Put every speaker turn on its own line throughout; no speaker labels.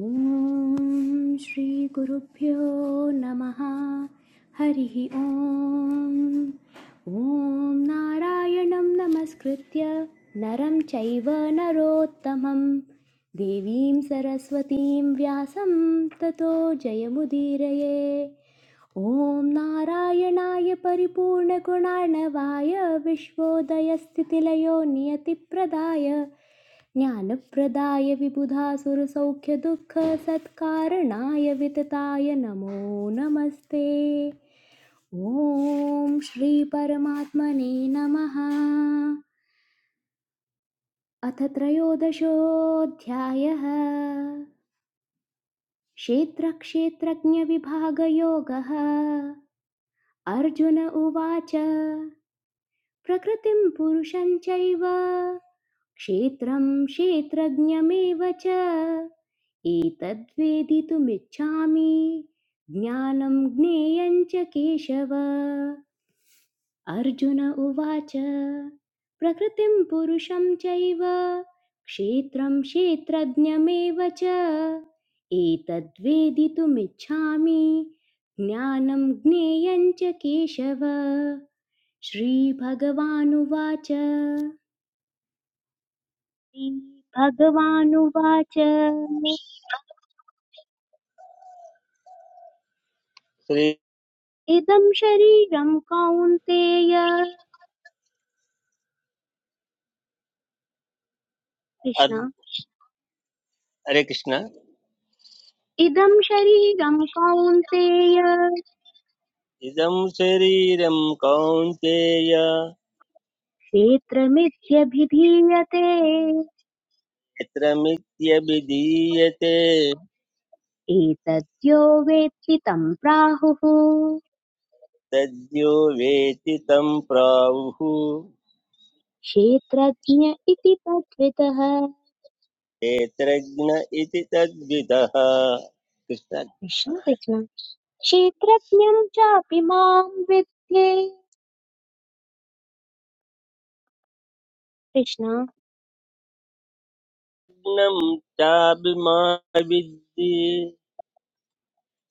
ॐ श्रीगुरुभ्यो नमः हरिः ॐ ॐ नारायणं नमस्कृत्य नरं चैव नरोत्तमं देवीं सरस्वतीं व्यासं ततो जयमुदीरये ॐ नारायणाय परिपूर्णगुणार्णवाय विश्वोदयस्थितिलयो नियतिप्रदाय ज्ञानप्रदाय विबुधासुरसौख्यदुःखसत्कारणाय वितताय नमो नमस्ते ॐ श्रीपरमात्मने नमः अथ त्रयोदशोऽध्यायः क्षेत्रक्षेत्रज्ञविभागयोगः अर्जुन उवाच प्रकृतिं पुरुषञ्चैव क्षेत्रं क्षेत्रज्ञमेव च एतद्वेदितुमिच्छामि ज्ञानं ज्ञेयं च केशव अर्जुन उवाच प्रकृतिं पुरुषं चैव क्षेत्रं क्षेत्रज्ञमेव च एतद्वेदितुमिच्छामि ज्ञानं ज्ञेयं च केशव श्रीभगवानुवाच श्रीभगवानुवाच
श्री
इदं शरीरं कौन्तेय
अद्
कृष्ण
हरे कृष्ण
इदं शरीरं कौन्तेय
इदं शरीरं कौन्तेय
क्षेत्रमित्यभिधीयते
यत्र मिथ्यभिधीयते
एतद्यो वेत्ति तं प्राहुः
तद्यो वेति तं प्राहुः
क्षेत्रज्ञ इति तद्वितः
क्षेत्रज्ञ इति तद्विदः कृष्णज्ञं
कृष्ण कृष्ण क्षेत्रज्ञं चापि मां विद्ये कृष्ण
चाभिमा विद्धि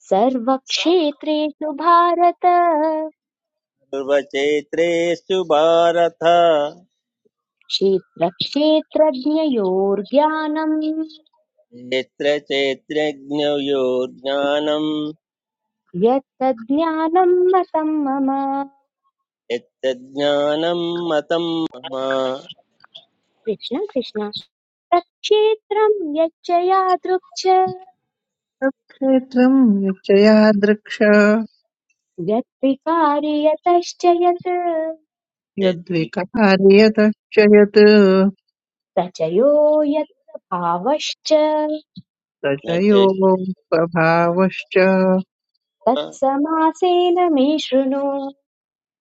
सर्वक्षेत्रेषु भारत
सर्वक्षेत्रेषु भारत
क्षेत्रक्षेत्रज्ञयोर्ज्ञानम्
क्षेत्र क्षेत्रज्ञयो ज्ञानं
यत्तज्ज्ञानम् मतं मम
यत्तज्ज्ञानं मतं मम
कृष्ण कृष्ण तत्क्षेत्रं यच्च यादृक् च
क्षेत्रम् यच्चया दृक्ष
यत्विकारि यतश्च यत्
यद्विकार्यतश्च यत्
स च यो यत्र भावश्च
न चैव
प्रचयोपभावश्च
तत्समासेन मे शृणु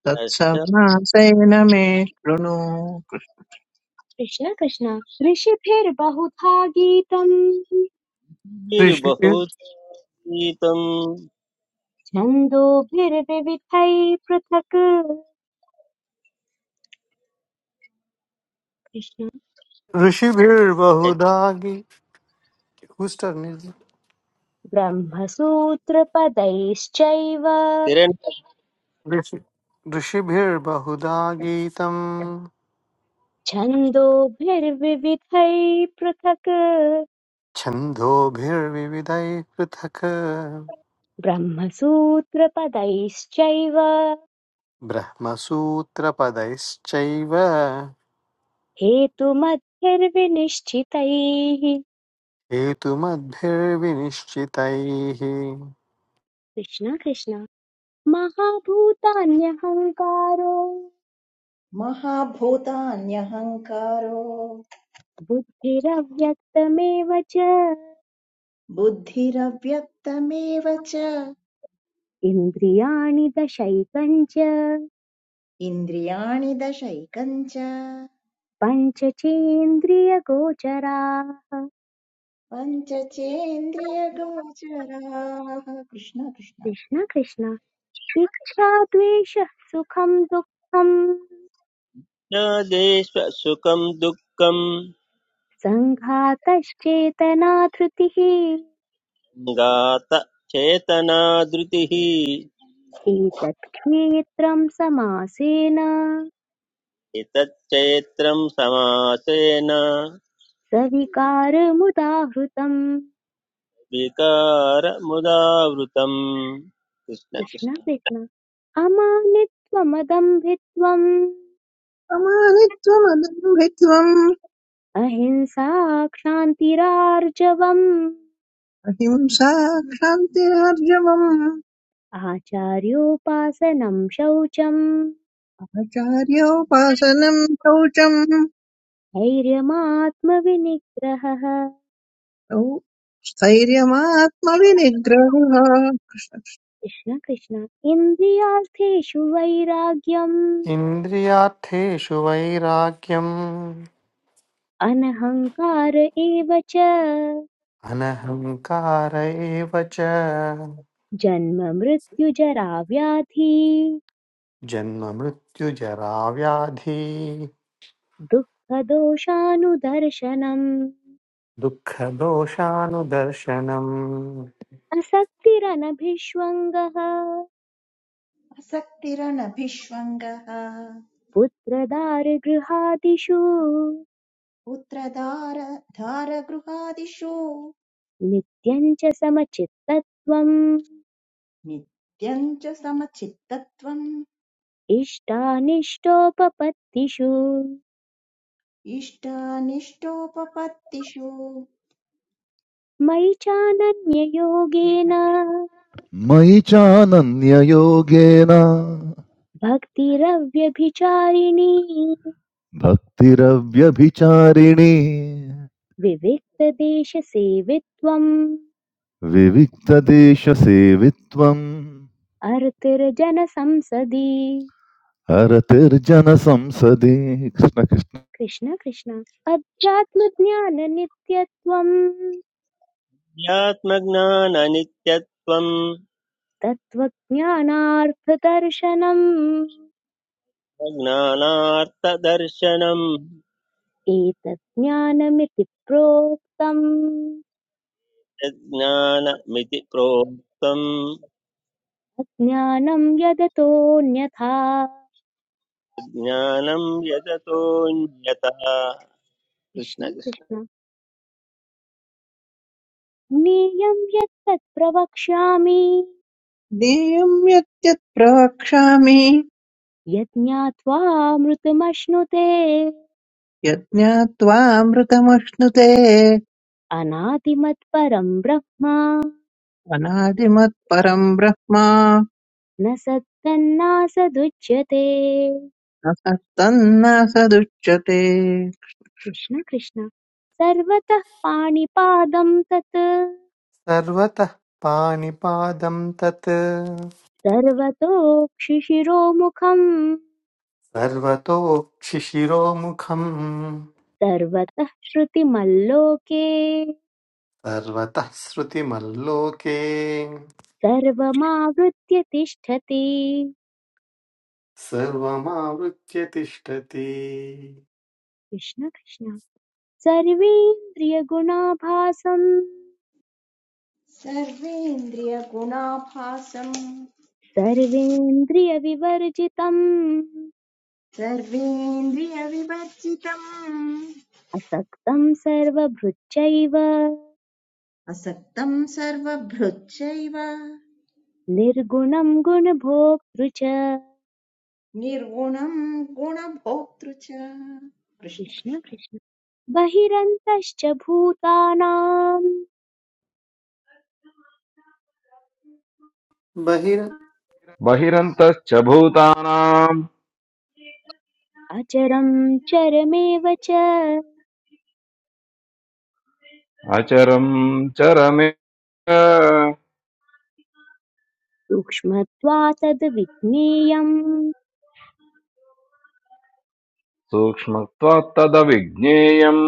तत्समासेन मे शृणु
कृष्ण कृष्ण ऋषिभिर्बहुधा गीतम्
ऋषि-
शरीर्बहुतीतम्
छन्दोभिर्विविधैः पृथक् कृष्ण
ऋषिभिर्बहुधा गीतम्
ब्रह्मसूत्रपदैश्चैव
यत्किरणस्य
ऋषिभिर्बहुधा गीतम्
छन्दोभिर्विविधैः पृथक्
छन्दोभिर्विविधैः पृथक्
ब्रह्मसूत्रपदैश्चैव
ब्रह्मसूत्रपदैश्चैव
हेतुमद्भिर्विनिश्चितैः
हेतुमद्भिर्विनिश्चितैः
कृष्ण कृष्ण महाभूतान्यहङ्कारो
महाभूतान्यहङ्कारो
बुद्धिरव्यक्तमेव च
बुद्धिरव्यक्तमेव च
इन्द्रियाणि दशैकञ्च
इन्द्रियाणि दशैकञ्च
पञ्चचेन्द्रियगोचराः
पञ्चचेन्द्रियगोचराः कृष्ण कृष्ण
कृष्ण कृष्ण इच्छा द्वेषः सुखं दुःखं
देश सुखं दुःखं
सङ्घातश्चेतना धृतिः
गात चेतना धृतिः
एतत् क्षेत्रं समासेन
एतच्चैत्रं समासेन
सविकारमुदाहृतम्
विकारमुदावृतम् कृष्ण
कृष्ण
कृष्ण
कृष्ण अमानित्वमदम्भित्वम्
कृष्णमानित्वमदम्भित्वम्
अहिंसा क्षान्तिरार्जवम्
अहिंसा क्षान्तिरार्जवम्
आचार्योपासनं शौचम्
आचार्योपासनम् शौचम्
धैर्यमात्मविनिग्रहः
औ स्थैर्यमात्मविनिग्रहः
कृष्ण कृष्ण इन्द्रियार्थेषु वैराग्यम्
इन्द्रियार्थेषु वैराग्यम्
अनहङ्कार एव च
अनहङ्कार एव च
जन्म मृत्युजरा व्याधि
जन्ममृत्युजराव्याधि
दुःखदोषानुदर्शनम्
दुःखदोषानुदर्शनम्
असक्तिरनभिष्वङ्गः
असक्तिरनभिष्वङ्गः
पुत्रदारगृहादिषु
पुत्रदार धारगृहादिषु
नित्यं च समचित्तत्वम्
नित्यं च समचित्तत्वम्
इष्टानिष्टोपपत्तिषु
इष्टानिष्टोपपत्तिषु
मयि चानन्ययोगेन
मयि चानन्ययोगेन
भक्तिरव्यभिचारिणी
भक्तिरव्यभिचारिणी
विविक्तदेशसेवित्वम्
विविक्तदेशसेवित्वम्
अर्तिर्जनसंसदि
हरतिर्जनसंसदि कृष्णकृष्ण
कृष्ण कृष्ण अध्यात्मज्ञाननित्यत्वम्
ज्ञात्मज्ञाननित्यत्वम्
तत्त्वज्ञानार्थदर्शनम्
अज्ञानार्थदर्शनम्
एतत् ज्ञानमिति प्रोक्तम्
यज्ञानमिति प्रोक्तम्
अज्ञानं यदतोऽन्यथा
ज्ञानं यततोऽन्यथा
कृष्ण
कृष्णकृष्ण
कृष्ण ज्ञेयं यत् तत् प्रवक्ष्यामि
ज्ञेयम् यत् यत् प्रवक्ष्यामि
यत् ज्ञात्वामृतमश्नुते
यज्ञात्वामृतमश्नुते
अनादिमत्परं ब्रह्म
अनादिमत्परं ब्रह्म
न सत्तन्नासदुच्यते
न स तन्न स दुच्यते
कृष्ण कृष्ण सर्वतः पाणिपादं तत्
सर्वतः पाणिपादं तत्
सर्वतोक्षिशिरोमुखम्
सर्वतोक्षिशिरोमुखम्
सर्वतः श्रुतिमल्लोके
सर्वतः श्रुतिमल्लोके
सर्वमावृत्य तिष्ठति
सर्वमावृत्य तिष्ठति
कृष्ण कृष्ण सर्वेन्द्रियगुणाभासं
सर्वेन्द्रियगुणाभासम्
सर्वेन्द्रियविवर्जितम्
सर्वेन्द्रियविवर्जितम्
असक्तम् सर्वभृच्चैव
असक्तम् सर्वभृच्चैव
निर्गुणम् गुणभोक्तृ च
निर्गुणम् गुणभोक्तृ च कृष्ण
कृष्ण
कृष्ण
कृष्ण बहिरन्तश्च भूतानाम्
बहिर्
बहिरन्तश्च भूतानाम्
अचरं चरमेव च
अचरम् चरमे
सूक्ष्मत्वात् विज्ञेयम्
सूक्ष्मत्वात् तदविज्ञेयम्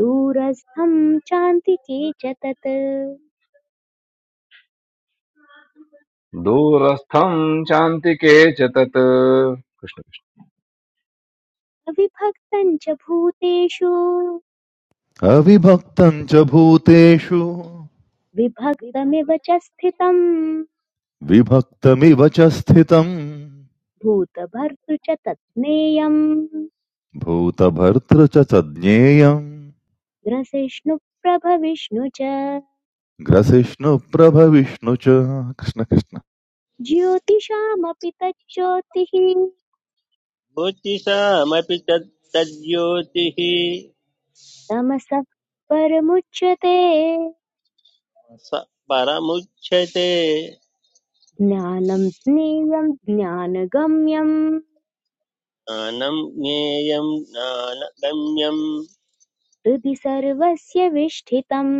दूरस्थं चान्तिके च तत्
दूरस्थम् चान्तिके च तत् कृष्ण कृष्ण
अविभक्तं च भूतेषु
अविभक्तम् च भूतेषु
विभक्तमिव च स्थितम्
विभक्तमिव च स्थितम्
भूतभर्तृ च तत्ज्ञेयम्
भूतभर्तृ च च ज्ञेयम्
ग्रसिष्णुप्रभविष्णु च
ग्रसिष्णुप्रभविष्णु च कृष्णकृष्ण
ज्योतिषामपि तज्ज्योतिः
ज्योतिषामपि तत् तज्ज्योतिः
तमसः परमुच्यते
स परमुच्यते
ज्ञानं ज्ञेयं ज्ञानगम्यम्
ज्ञानं ज्ञेयं ज्ञानगम्यं
हृदि सर्वस्य विष्ठितम्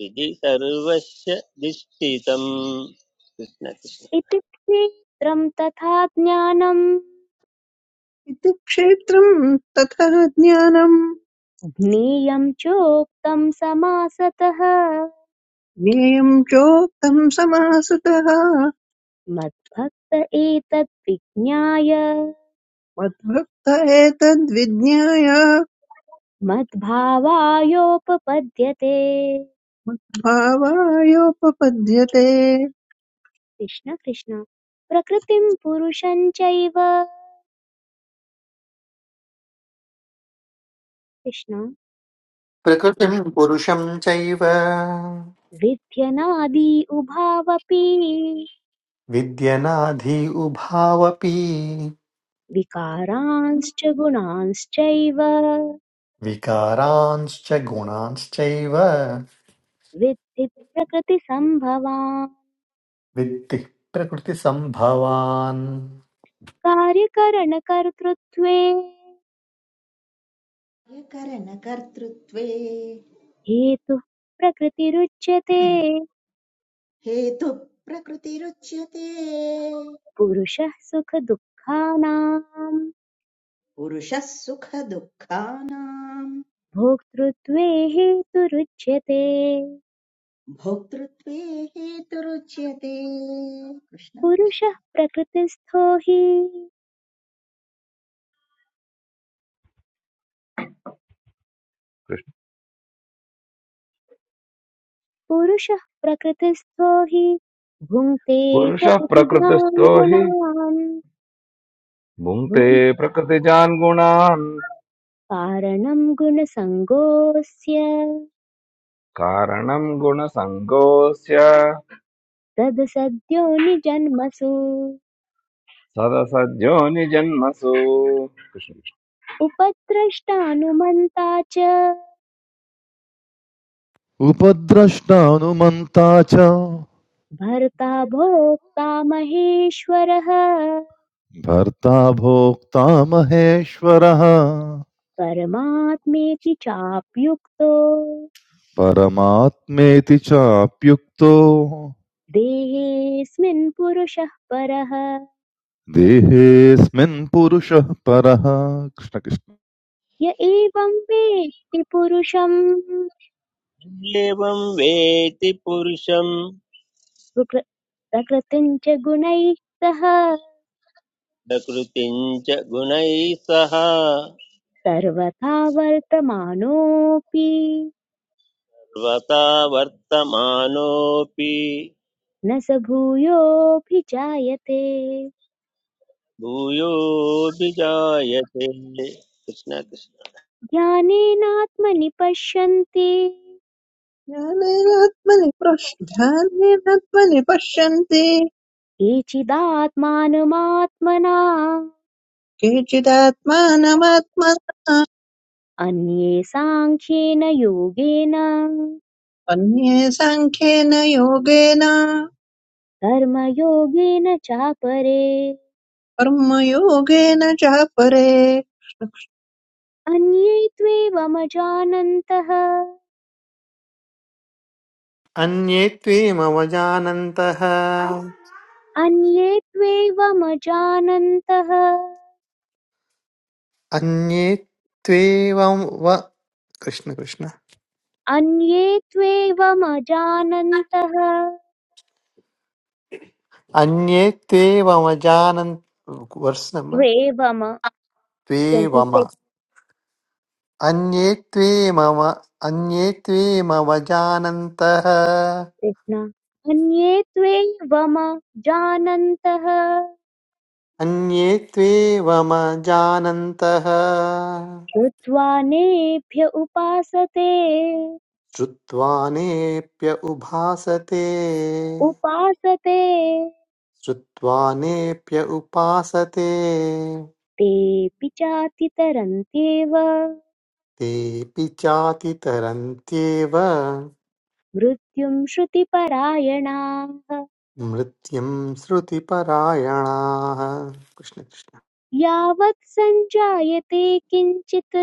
विधि सर्वस्य निश्चितम् कृष्णकृष्ण
इति क्षेत्रं तथा ज्ञानम्
इति क्षेत्रं ततः ज्ञानं
ज्ञेयं चोक्तं समासतः
ज्ञेयं चोक्तं समासुतः
मत्भक्त एतद्विज्ञाय
मद्भक्त एतद्विज्ञाय
मद्भावायोपपद्यते
भावायोपपद्यते
कृष्ण कृष्ण प्रकृतिं पुरुषं चैव कृष्ण
प्रकृतिं पुरुषं चैव
विध्यनादि उभावपि
विद्यनाधि उभावपि
विकारांश्च गुणांश्चैव
विकारांश्च गुणांश्चैव
विद्धि प्रकृतिसम्भवान्
वित्तिः प्रकृतिसम्भवान्
कार्यकरणकर्तृत्वे
कार्यकरणकर्तृत्वे
हेतुः प्रकृतिरुच्यते
हेतुः प्रकृतिरुच्यते
पुरुषः सुखदुःखानां
पुरुषः सुखदुःखानाम्
भोक्तृत्वे हेतुरुच्यते
भोक्तृत्वे हेतुरुच्यते कृष्ण कृष्ण
पुरुषः प्रकृतिस्थो हि
कृष्ण
पुरुषः प्रकृतिस्थो हि भुङ्क्ते
पुरुषः
प्रकृतिजान्
प्रकृतिस्थो हि
गुणान्
भुङ्क्ते
भुङ्
प्रकृतिजान् गुणान्
कारणं गुणसङ्गोऽस्य
कारणम् गुणसङ्गोऽस्य
तद् सद्यो निजन्मसु
सदसद्यो निजन्मसु कृष्ण कृष्ण
उपद्रष्टानुमन्ता च
उपद्रष्टानुमन्ता च
भर्ता भोक्ता महेश्वरः
भर्ता भोक्ता महेश्वरः
परमात्मेति चाप्युक्तो
परमात्मेति चाप्युक्तो
देहेऽस्मिन् पुरुषः परः
देहेऽस्मिन् पुरुषः परः कृष्ण कृष्ण
य एवं वेत्ति पुरुषम्
एवं वेति पुरुषं
प्रकृ- प्रकृतिं च गुणैः सह
प्रकृतिं च गुणैः सह सर्वथा
सर्वथा वर्तमानोऽपि
वर्तमानोऽपि
न स भूयोऽभिजायते
भूयोऽभिजायते कृष्ण कृष्ण
ज्ञानेनात्मनि पश्यन्ति
ज्ञानेनात्मनि प्रश् ध्यानेनात्मनि पश्यन्ति
केचिदात्मानमात्मना
केचिदात्मानमात्मना
अन्ये साङ्ख्येन योगेन
अन्ये साङ्ख्येन योगेन
कर्मयोगेन चापरे
कर्मयोगेन च परे
अन्ये त्वेवमजानन्तः
अन्ये त्वेमवजानन्तः
अन्ये त्वेवमजानन्तः
अन्ये त्वेवं व कृष्ण कृष्ण
अन्ये त्वेवमजानन्तः
अन्ये त्वेवमजानन् वर्स् नम्बर्
द्वेवम ट्वेण्टि
त्वेवम
सिक्स्
अन्ये त्वेमव अन्ये त्वेमवजानन्तः
कृष्ण अन्ये त्वेवम जानन्तः
अन्ये त्वेवमजानन्तः
श्रुत्वा नेभ्य उपासते
श्रुत्वा नेऽप्य उभासते
उपासते
श्रुत्वा नेऽप्य उपासते
तेऽपि चातितरन्त्येव
तेऽपि चातितरन्त्येव
मृत्युं श्रुतिपरायणाः
मृत्युं श्रुतिपरायणाः कृष्ण कृष्ण
यावत् सञ्जायते किञ्चित्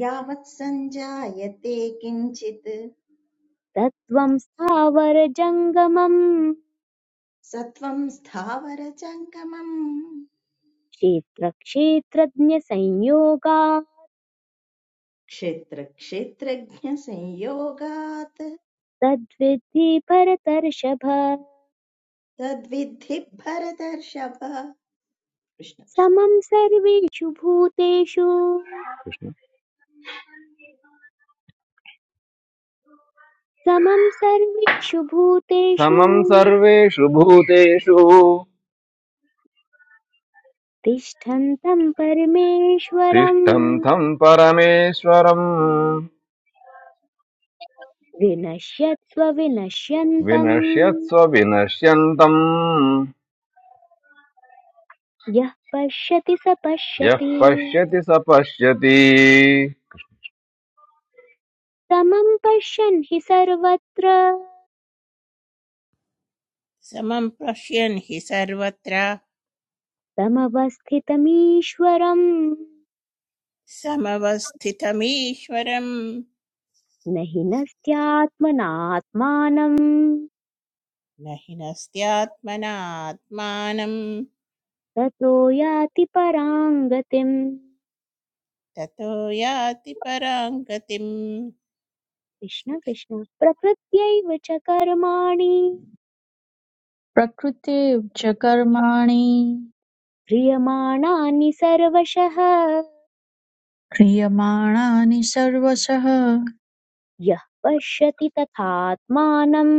यावत् सञ्जायते किञ्चित्
तत्त्वं स्थावरजङ्गमं
सत्त्वं स्थावर जङ्गमम्
क्षेत्रक्षेत्रज्ञसंयोगात्
क्षेत्रक्षेत्रज्ञसंयोगात्
तद्विद्धि भरतर्षभ
तद्विद्धि भरतर्षभ कृष्ण कृष्ण
समं सर्वेषु भूतेषु
कृष्ण
समं सर्वेषु भूतेषु
समं सर्वेषु भूतेषु
तिष्ठन्तं परमेश्वरम्
तिष्ठं तं परमेश्वरम्
विनश्यत्स्व विनश्यन्तम्
विनश्यत्स्व विनश्यन्तम्
यः पश्यति स
यः
पश्यति
पश्यति स पश्यति
समं पश्यन् हि सर्वत्र
समं पश्यन् हि सर्वत्र
समवस्थितमीश्वरं
समवस्थितमीश्वरं
न हीनस्त्यात्मनात्मानं
न हि नस्त्यात्मनात्मानं
ततो याति परां गतिम्
ततो याति परां गतिम्
कृष्ण कृष्ण प्रकृत्यैव च कर्माणि
प्रकृतेव च कर्माणि
क्रियमाणानि सर्वशः
क्रियमाणानि सर्वशः
यः पश्यति तथात्मानम्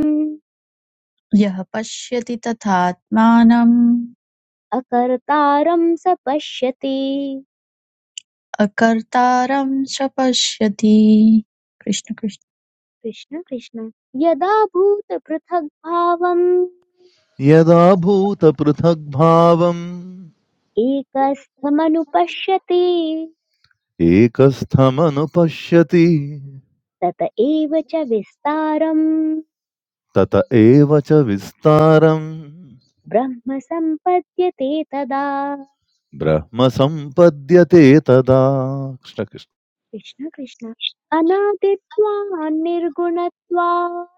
यः पश्यति तथात्मानम्
अकर्तारं स पश्यति
अकर्तारं स पश्यति कृष्ण कृष्ण
कृष्ण कृष्ण यदा भूतपृथग्भावम्
यदा भूतपृथग्भावम्
एकस्थमनुपश्यति
एकस्थमनुपश्यति
तत एव च विस्तारम्
तत एव च विस्तारम्
ब्रह्म सम्पद्यते तदा
ब्रह्म सम्पद्यते तदा कृष्ण कृष्ण।
कृष्ण कृष्ण अनादित्वान् निर्गुणत्वात्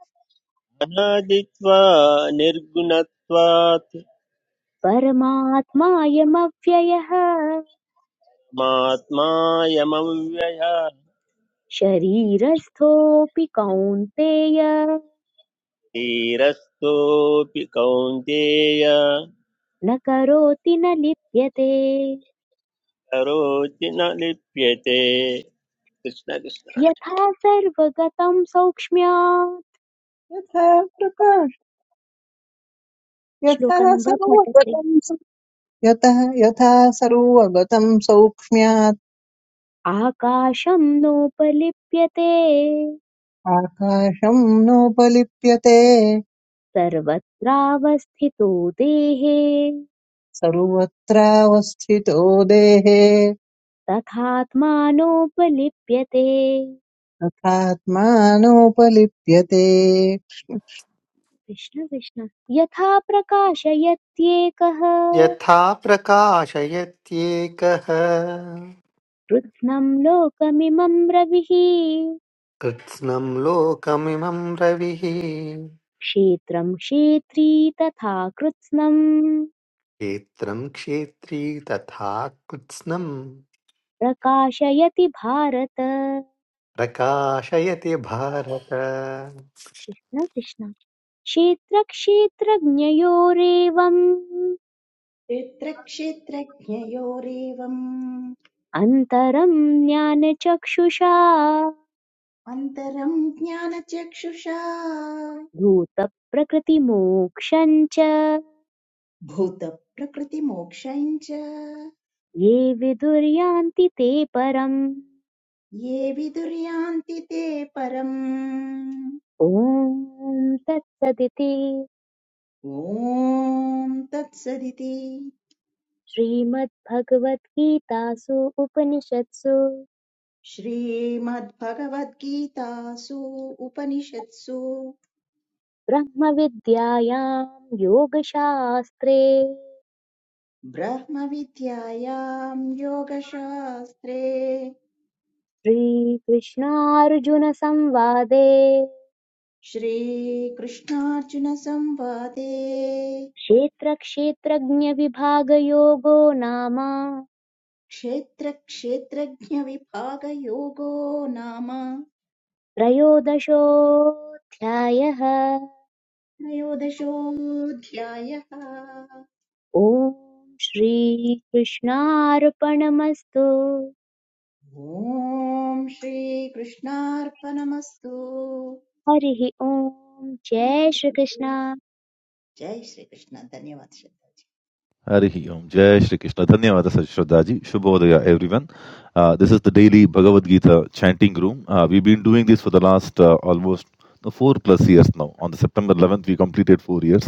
अनादित्वा निर्गुणत्वात्
परमात्मायमव्ययः
मात्मायमव्यय
शरीरस्थोऽपि कौन्तेय
धीरस्थोऽपि कौन्तेय
न करोति न लिप्यते
करोति न लिप्यते कृष्ण कृष्ण
यथा सर्वगतं सौक्ष्म्यात्
यथा प्रकाश यथा
श्लोकं वा
सर्वगतं स- यतः यथा सर्वगतं सौक्ष्म्यात्
आकाशं नोपलिप्यते
आकाशं नोपलिप्यते
सर्वत्रावस्थितो देहे
सर्वत्रावस्थितो देहे
तथात्मानोपलिप्यते
तथात्मानोपलिप्यते
कृष्ण कृष्ण यथा प्रकाशयत्येकः
यथा प्रकाशयत्येकः
कृत्स्नम् लोकमिमम् रविः
कृत्स्नं लोकमिमं रविः
क्षेत्रं क्षेत्री तथा कृत्स्नम्
क्षेत्रं क्षेत्री तथा कृत्स्नं
प्रकाशयति भारत कृष्ण
प्रकाशयति भारत
कृष्ण क्षेत्रक्षेत्रज्ञयोरेवम्
क्षेत्रक्षेत्रज्ञयोरेवम्
अन्तरं ज्ञानचक्षुषा
अन्तरम् ज्ञानचक्षुषा
भूतप्रकृतिमोक्षं च
भूतप्रकृतिमोक्षम् च
ये विदुर्यान्ति ते परम्
ये विदुर्यान्ति ते परम्
ॐ तत्सदिति
ॐ तत्सदिति
श्रीमद्भगवद्गीतासु उपनिषत्सु
श्रीमद्भगवद्गीतासु उपनिषत्सु
ब्रह्मविद्यायां योगशास्त्रे
ब्रह्मविद्यायाम् योगशास्त्रे
श्रीकृष्णार्जुनसंवादे
श्रीकृष्णार्जुनसंवादे
क्षेत्रक्षेत्रज्ञविभागयोगो नाम
क्षेत्रक्षेत्रज्ञविभागयोगो नाम
त्रयोदशोऽध्यायः
त्रयोदशोऽध्यायः
ॐ श्रीकृष्णार्पणमस्तु
ॐ श्रीकृष्णार्पणमस्तु
हरिः ॐ जय
हरि
श्रीकृष्ण
ओम्। जय श्रीकृष्ण धन्यवाद श्रद्धा।
Harihi Om. Jai Shri Krishna. Dhanyawada Shraddhaji. Shubhodaya everyone. Uh, this is the daily Bhagavad Gita chanting room. Uh, we've been doing this for the last uh, almost no, four plus years now. On the September 11th, we completed four years.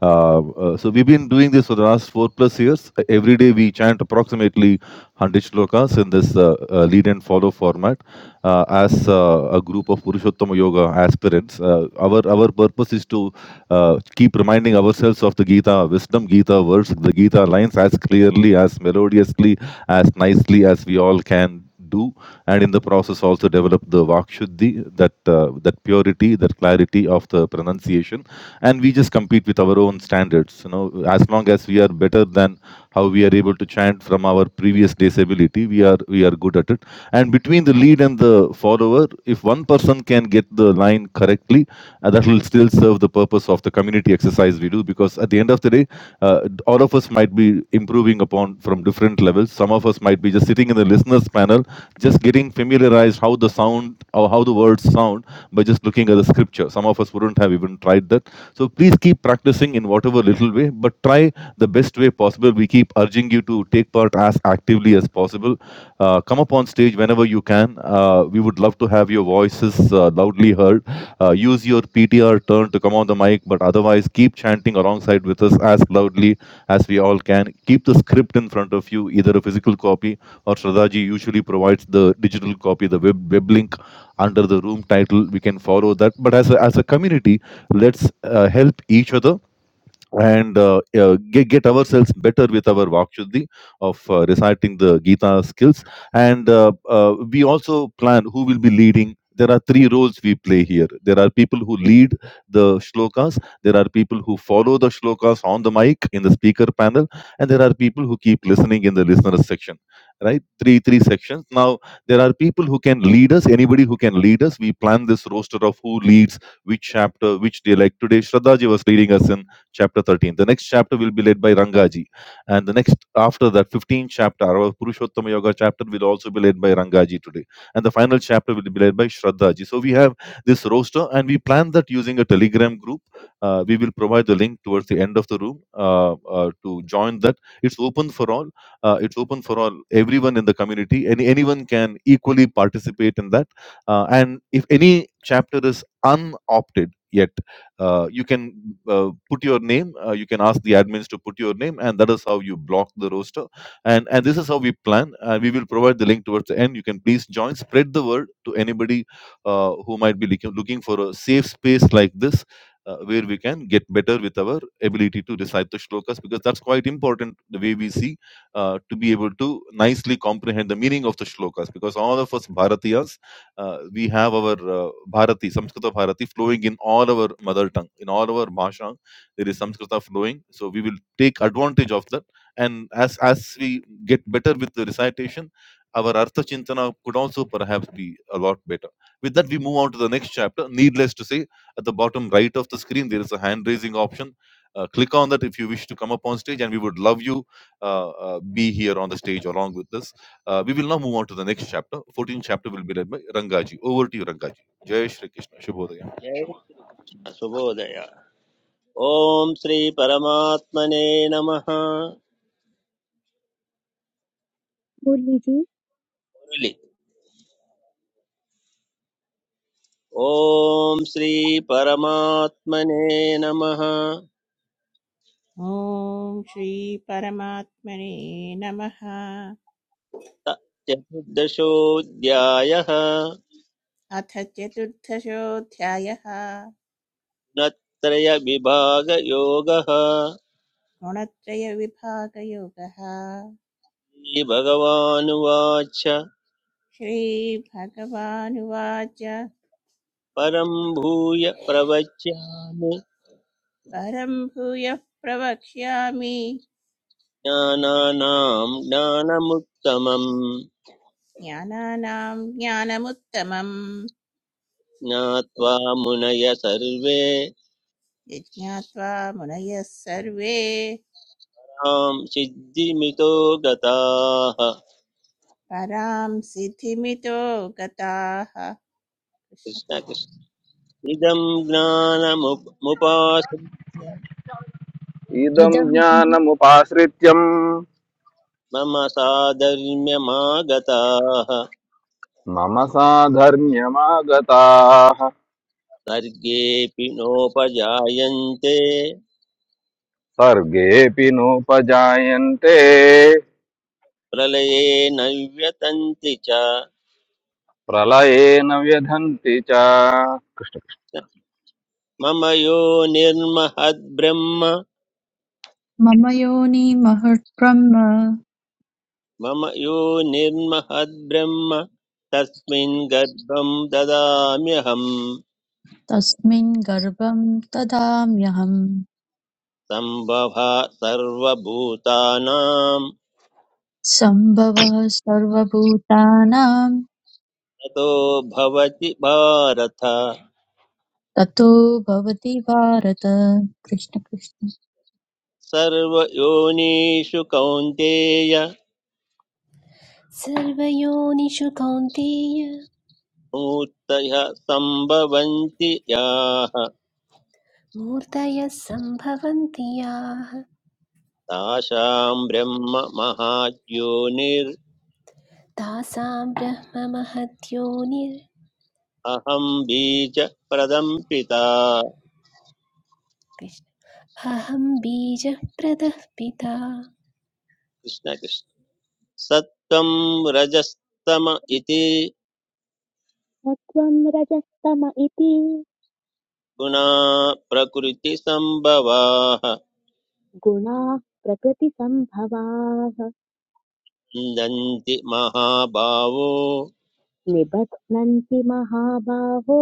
Uh, uh, so we've been doing this for the last four plus years. Uh, Every day we chant approximately 100 shlokas in this uh, uh, lead and follow format. Uh, as uh, a group of Purushottama Yoga aspirants, uh, our our purpose is to uh, keep reminding ourselves of the Gita wisdom, Gita words, the Gita lines as clearly, as melodiously, as nicely as we all can do, and in the process also develop the Vakshuddhi, that uh, that purity, that clarity of the pronunciation, and we just compete with our own standards. You know, as long as we are better than how we are able to chant from our previous day's ability we are we are good at it and between the lead and the follower if one person can get the line correctly uh, that will still serve the purpose of the community exercise we do because at the end of the day uh, all of us might be improving upon from different levels some of us might be just sitting in the listeners panel just getting familiarized how the sound or how the word words sound by just looking at the scripture. Some of us wouldn't have even tried that. So please keep practicing in whatever little way, but try the best way possible. We keep urging you to take part as actively as possible. Uh, come up on stage whenever you can. Uh, we would love to have your voices uh, loudly heard. Uh, use your PTR turn to come on the mic, but otherwise, keep chanting alongside with us as loudly as we all can. Keep the script in front of you, either a physical copy or Shraddhaji usually provides the digital copy, the web, web link under the room title we can follow that but as a, as a community let's uh, help each other and uh, uh, get, get ourselves better with our vakshuddhi of uh, reciting the Gita skills. And uh, uh, we also plan who will be leading. There are three roles we play here. There are people who lead the shlokas, there are people who follow the shlokas on the mic in the speaker panel, and there are people who keep listening in the listeners section. Right? Three three sections. Now there are people who can lead us, anybody who can lead us. We plan this roster of who leads which chapter, which day. Like today, Shraddha ji was leading us in chapter 13. The next chapter will be led by Rangaji. And the next, after that, 15th chapter, our Purushottama Yoga chapter will also be led by Rangaji today. And the final chapter will be led by Shraddhaji. So we have this roster and we plan that using a telegram group. Uh, we will provide the link towards the end of the room uh, uh, to join that. It's open for all. Uh, it's open for all. Everyone in the community, any, anyone can equally participate in that. Uh, and if any chapter is unopted, yet uh, you can uh, put your name uh, you can ask the admins to put your name and that is how you block the roster and and this is how we plan and we will provide the link towards the end you can please join spread the word to anybody uh, who might be looking, looking for a safe space like this uh, where we can get better with our ability to recite the shlokas because that's quite important the way we see uh, to be able to nicely comprehend the meaning of the shlokas because all of us bharatiyas uh, we have our uh, Bharati, Samskrita Bharati flowing in all our mother tongue, in all our bhasha. There is Samskrita flowing, so we will take advantage of that. And as as we get better with the recitation, our Artha Chintana could also perhaps be a lot better. With that, we move on to the next chapter. Needless to say, at the bottom right of the screen, there is a hand raising option. Uh, click on that if you wish to come up on stage, and we would love you uh, uh, be here on the stage along with us. Uh, we will now move on to the next chapter. 14th chapter will be led by Rangaji. Over to you, Rangaji. Jai Shri Krishna. Shubhodaya.
जय कृष्ण सुबोधय ॐ श्री परमात्मने नमः
मुरलीजी
मुरली। ओम श्री परमात्मने नमः
ॐ श्रीपरमात्मने नमः
चतुर्दशोऽध्यायः
अथ चतुर्दशोऽध्यायः
गुणत्रयविभागयोगः
गुणत्रयविभागयोगः
श्रीभगवानुवाच
श्रीभगवानुवाच
परं भूय प्रवच्यामि
परं भूयः प्रवक्ष्यामि
ज्ञानानां ज्ञानमुत्तमम्
ज्ञानानां ज्ञानमुत्तमम्
ज्ञात्वा मुनय सर्वे
यज्ञात्वा मुनयः सर्वे
तां सिद्धिमितो गताः
परां सिद्धिमितो गताः कृष्ण
कृष्ण
कृष्ण।
कृष्ण इदं ज्ञानमुप- मुपाश्रित्य
इदं
इदं
ज्ञानमुपाश्रित्यम्
मम साधर्म्यमागताः
मम साधर्म्यमागताः
सर्गेऽपि नोपजायन्ते
सर्गेऽपि नोपजायन्ते
प्रलये न व्यतन्ति च
प्रलये न व्यधन्ति च
मम यो निर्महद्ब्रह्म
मम योनि महद्ब्रह्म
मम यो निर्महद्ब्रह्म तस्मिन् गर्भं ददाम्यहम्
तस्मिन् गर्भं ददाम्यहम्
सम्भवा सर्वभूतानां
सम्भवः सर्वभूतानां
ततो भवति भारत
ततो भवति भारत कृष्ण कृष्ण
सर्वयोनिषु कौन्तेय
सर्वयोनिषु कौन्तेय
मूर्तयः सम्भवन्ति याः
मूर्तयः सम्भवन्ति याः
तासां ब्रह्म महाद्योनिरहं
तासां ब्रह्ममहद्योनिर्
बीजप्रदं पिता
कृष्ण। अहं बीजः प्रदः पिता
कृष्ण कृष्ण सत्त्वं रजस्तम इति
सत्त्वं रजस्तम इति
गुणा प्रकृति संभवाः
गुणाः प्रकृतिसम्भवाः
नन्ति महाभावो
निबध्नन्ति महाबाहो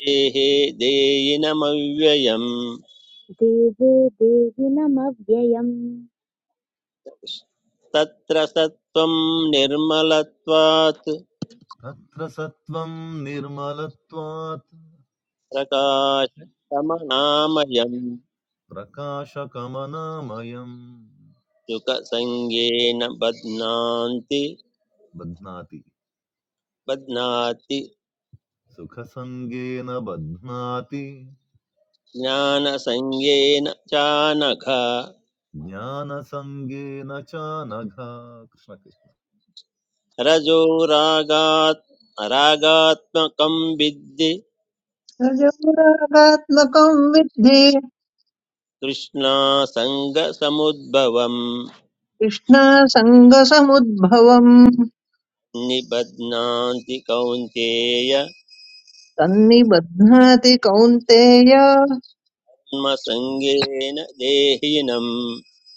देहे देयिनमव्ययम्
देवे देहिनमव्ययम्
तत्र सत्त्वं निर्मलत्वात्
तत्र सत्त्वं निर्मलत्वात्
प्रकाशतमनामयम्
प्रकाशकमनामयम्
सुखसङ्गेन बध्नान्ति
बध्नाति
बध्नाति
सुखसङ्गेन बध्नाति
ज्ञानसंज्ञेन चानघ
ज्ञानसङ्गेन च नघा कृष्ण कृष्ण
रजो रागात् रागात्मकं विद्धि
रजोरागात्मकं विद्धि
तृष्णासङ्गसमुद्भवम्
कृष्णासङ्गसमुद्भवम्
निबध्नान्ति कौन्तेय
तन्निबध्नाति कौन्तेय
कर्मसङ्गेन देहिनं।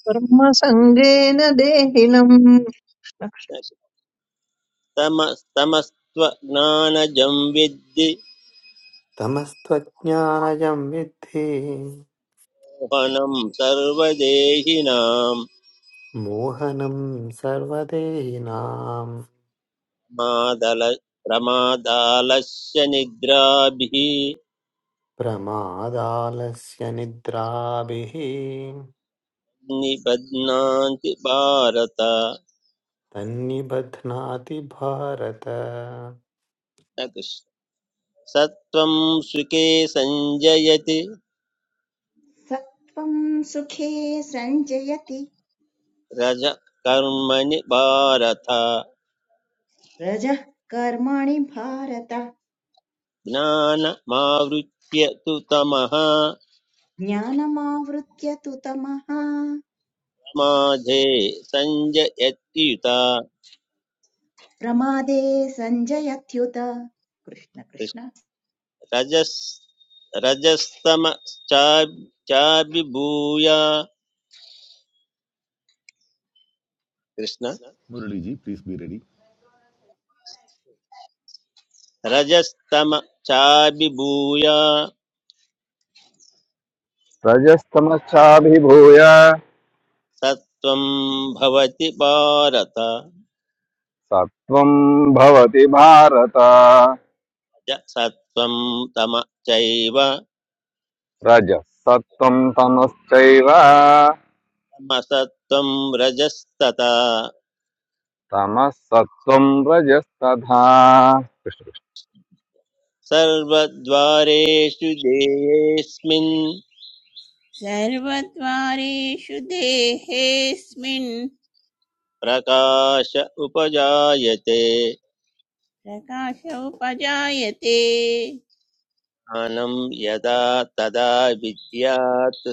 कर्मसङ्गेन देहिनम्
तमस्तमस्त्वज्ञानजं विद्धि
तमस्त्वज्ञानयं विद्धि
मोहनं सर्वदेहिनां
मोहनं सर्वदेहिनाम्
मादल प्रमादालस्य निद्राभिः
प्रमादालस्य निद्राभिः
निबध्नान्ति भारत
तन्निबध्नाति भारत
न सत्त्वं सुखे सञ्जयति
सत्त्वं सुखे सञ्जयति
रज कर्मणि भारत
रजः कर्माणि भारत
ज्ञानमावृत्य तु तमः
ज्ञानमावृत्य तु तमः
माधे सञ्जयत्युता
प्रमादे सञ्जयत्युत कृष्ण कृष्ण
रजस् रजस्तमश्चाभिभूय Krishna
Murliji please please be ready.
रजस्तमश्चाभिभूय
रजस्तमश्चाभिभूय
सत्त्वं भवति भारत
सत्त्वं भवति भारत
च सत्त्वं तम चैव
रजःसत्त्वं तमश्चैव
तमसत्त्वं रजस्तथा
तमःसत्त्वं रजस्तथा
सर्वद्वारेषु देयेऽस्मिन्
सर्वद्वारेषु देहेऽस्मिन्
प्रकाश उपजायते
प्रकाशोपजायते
ज्ञानं यदा तदा विद्यात्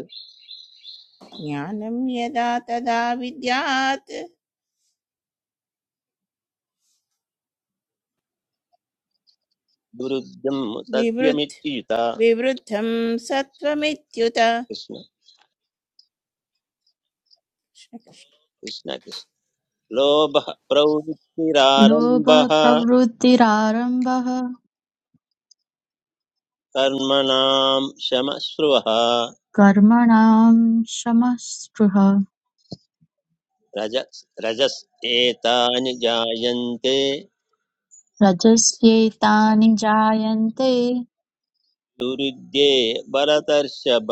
ज्ञानं यदा तदा विद्यात्
दुरुद्धं
विवृद्ध
सत्यमित्युता
विवृद्धं सत्त्वमित्युत
कृष्ण
कृष्ण कृष्ण।
कृष्ण कृष्ण लोभः
लोभः
प्रवृत्तिरारम्भः
प्रवृत्तिरारम्भः
कर्मणां शमश्रुवः
कर्मणां शमस्पृह
रजस् रजस् एतानि जायन्ते
रजस्येतानि जायन्ते
दुरुद्ये भरतर्षभ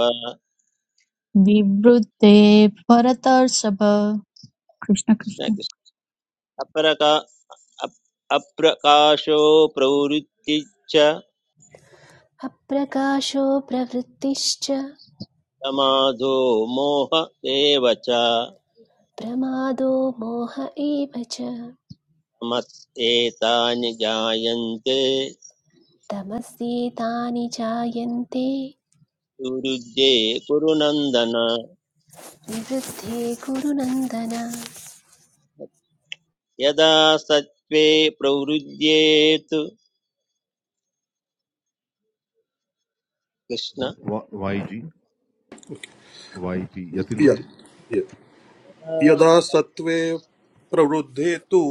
विवृते भरतर्षभ कृष्ण
कृष्ण
कृष्ण
कृष्ण अप्रका अप्- अप्रकाशो प्रवृत्तिश्च
अप्रकाशो प्रवृत्तिश्च
समाधो मोह एव च तमस्
प्रमादो मोह एव च
एतानि जायन्ते
तमस्येतानि जायन्ते
दुरुद्ये कुरु नन्दन
निवृद्धे कुरु नन्दन
यदा सत्त्वे प्रवृद्येतु कृष्ण
YG? Yati
य-
muci
य-
यदा
यदा सत्त्वे प्रवृद्धे तु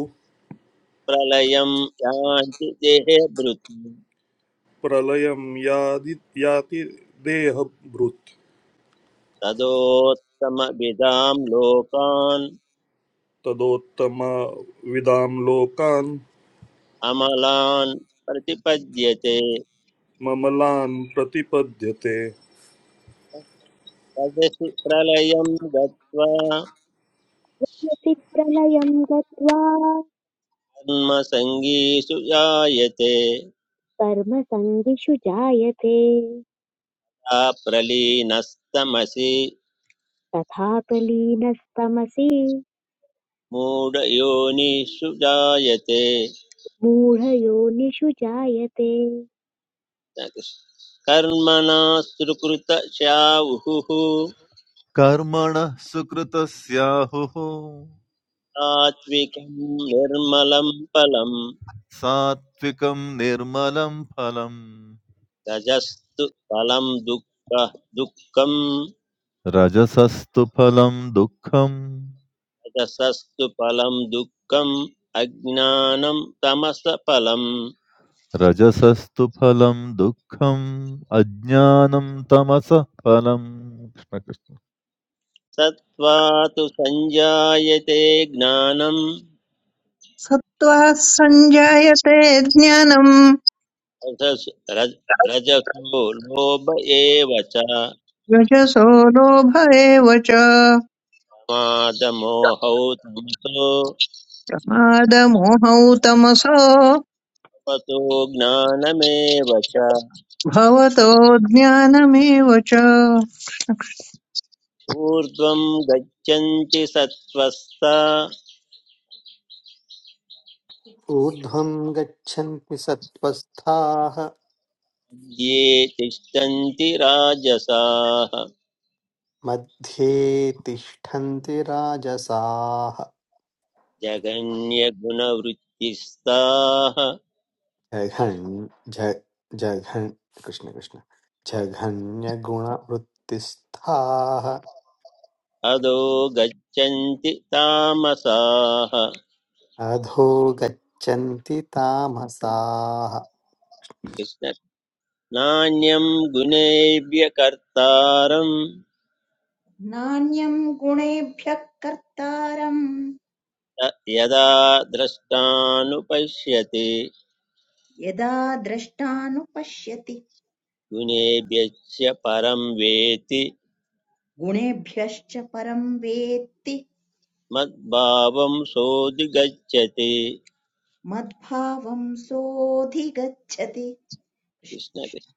प्रलयं यान्ति देहभृत्
प्रलयं यादि याति देहभृत्
तदोत्तमविदां लोकान्
तदोत्तमविदां लोकान्
अमलान् प्रतिपद्यते
ममलान् प्रतिपद्यते
तदसि प्रलयं गत्वा
यदि प्रलयं गत्वा
कर्मसङ्गीषु जायते
कर्मसङ्गिषु जायते
सा प्रलीनस्तमसि
तथा प्रलीनस्तमसि
मूढयोनिषु जायते
मूढयो निषुचायते
कर्मणा सुकृतशाहुः
karma na sukrtasyaho
सात्विकं निर्मलं फलं
satvikam nirmalam phalam
तजस्तु फलं दुःख दुःखम्
raja sastupalam dukham
रजसस्तु फलं दुःखम् अज्ञानं तमसफलम्
raja sastupalam dukham ajnanim tamasa phalam
सत्त्वात् संजायते ज्ञानं
सत्त्वा सञ्जायते ज्ञानम्
रजस् रज- रजसो लोभ एव च
रजसो लोभ एव च
मादमोहौ तमसो
प्रमादमोहौ तमसो
तपसो ज्ञानमेव च
भवतो ज्ञानमेव च
ऊर्ध्वं गच्छन्ति सत्त्वस्ता
ऊर्ध्वं गच्छन्ति सत्त्वस्थाः
ये तिष्ठन्ति राजसाः
मध्ये तिष्ठन्ति राजसाः
जगन्यगुणवृत्तिस्ताः
जघन् ज- जघन् कृष्ण कृष्ण जघन्यगुणवृत्तिस्थाः
अदो गच्छन्ति तामसाः
अधो गच्छन्ति तामसाः
कृष्ण नान्यं गुणेभ्य कर्तारं
नान्यं गुणेभ्यः कर्तारम्
य- यदा द्रष्टानुपश्यति
यदा द्रष्टानुपश्यति
गुणेभ्यश्च परं वेति
गुणेभ्यश्च परं वेत्ति
मद्भावं सोऽधिगच्छति
मद्भावं सोऽधिगच्छति कृष्ण
कृष्ण
कृष्ण।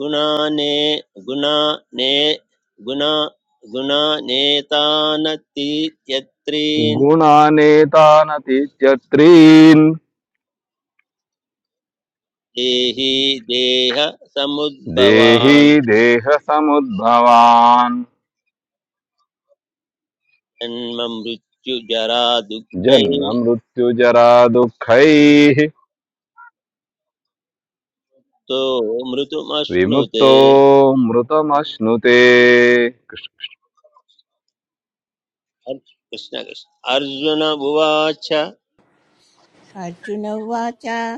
गुणाने गुणाने गुणा गुणानेतानतीत्यत्रीन्
गुणानेतानतीत्यत्रीन्
देहि देह
देही
समुद्भवान्
देहसमुद्भवान्
जन्म मृत्युजरा दुःखै
जन्ममृत्युजरा दुःखैः
तो मृतुमश्नुते
विमुक्तो मृतमश्नुते
कृष्ण कृष्ण अर्जुन उवाच
अर्जुन उवाच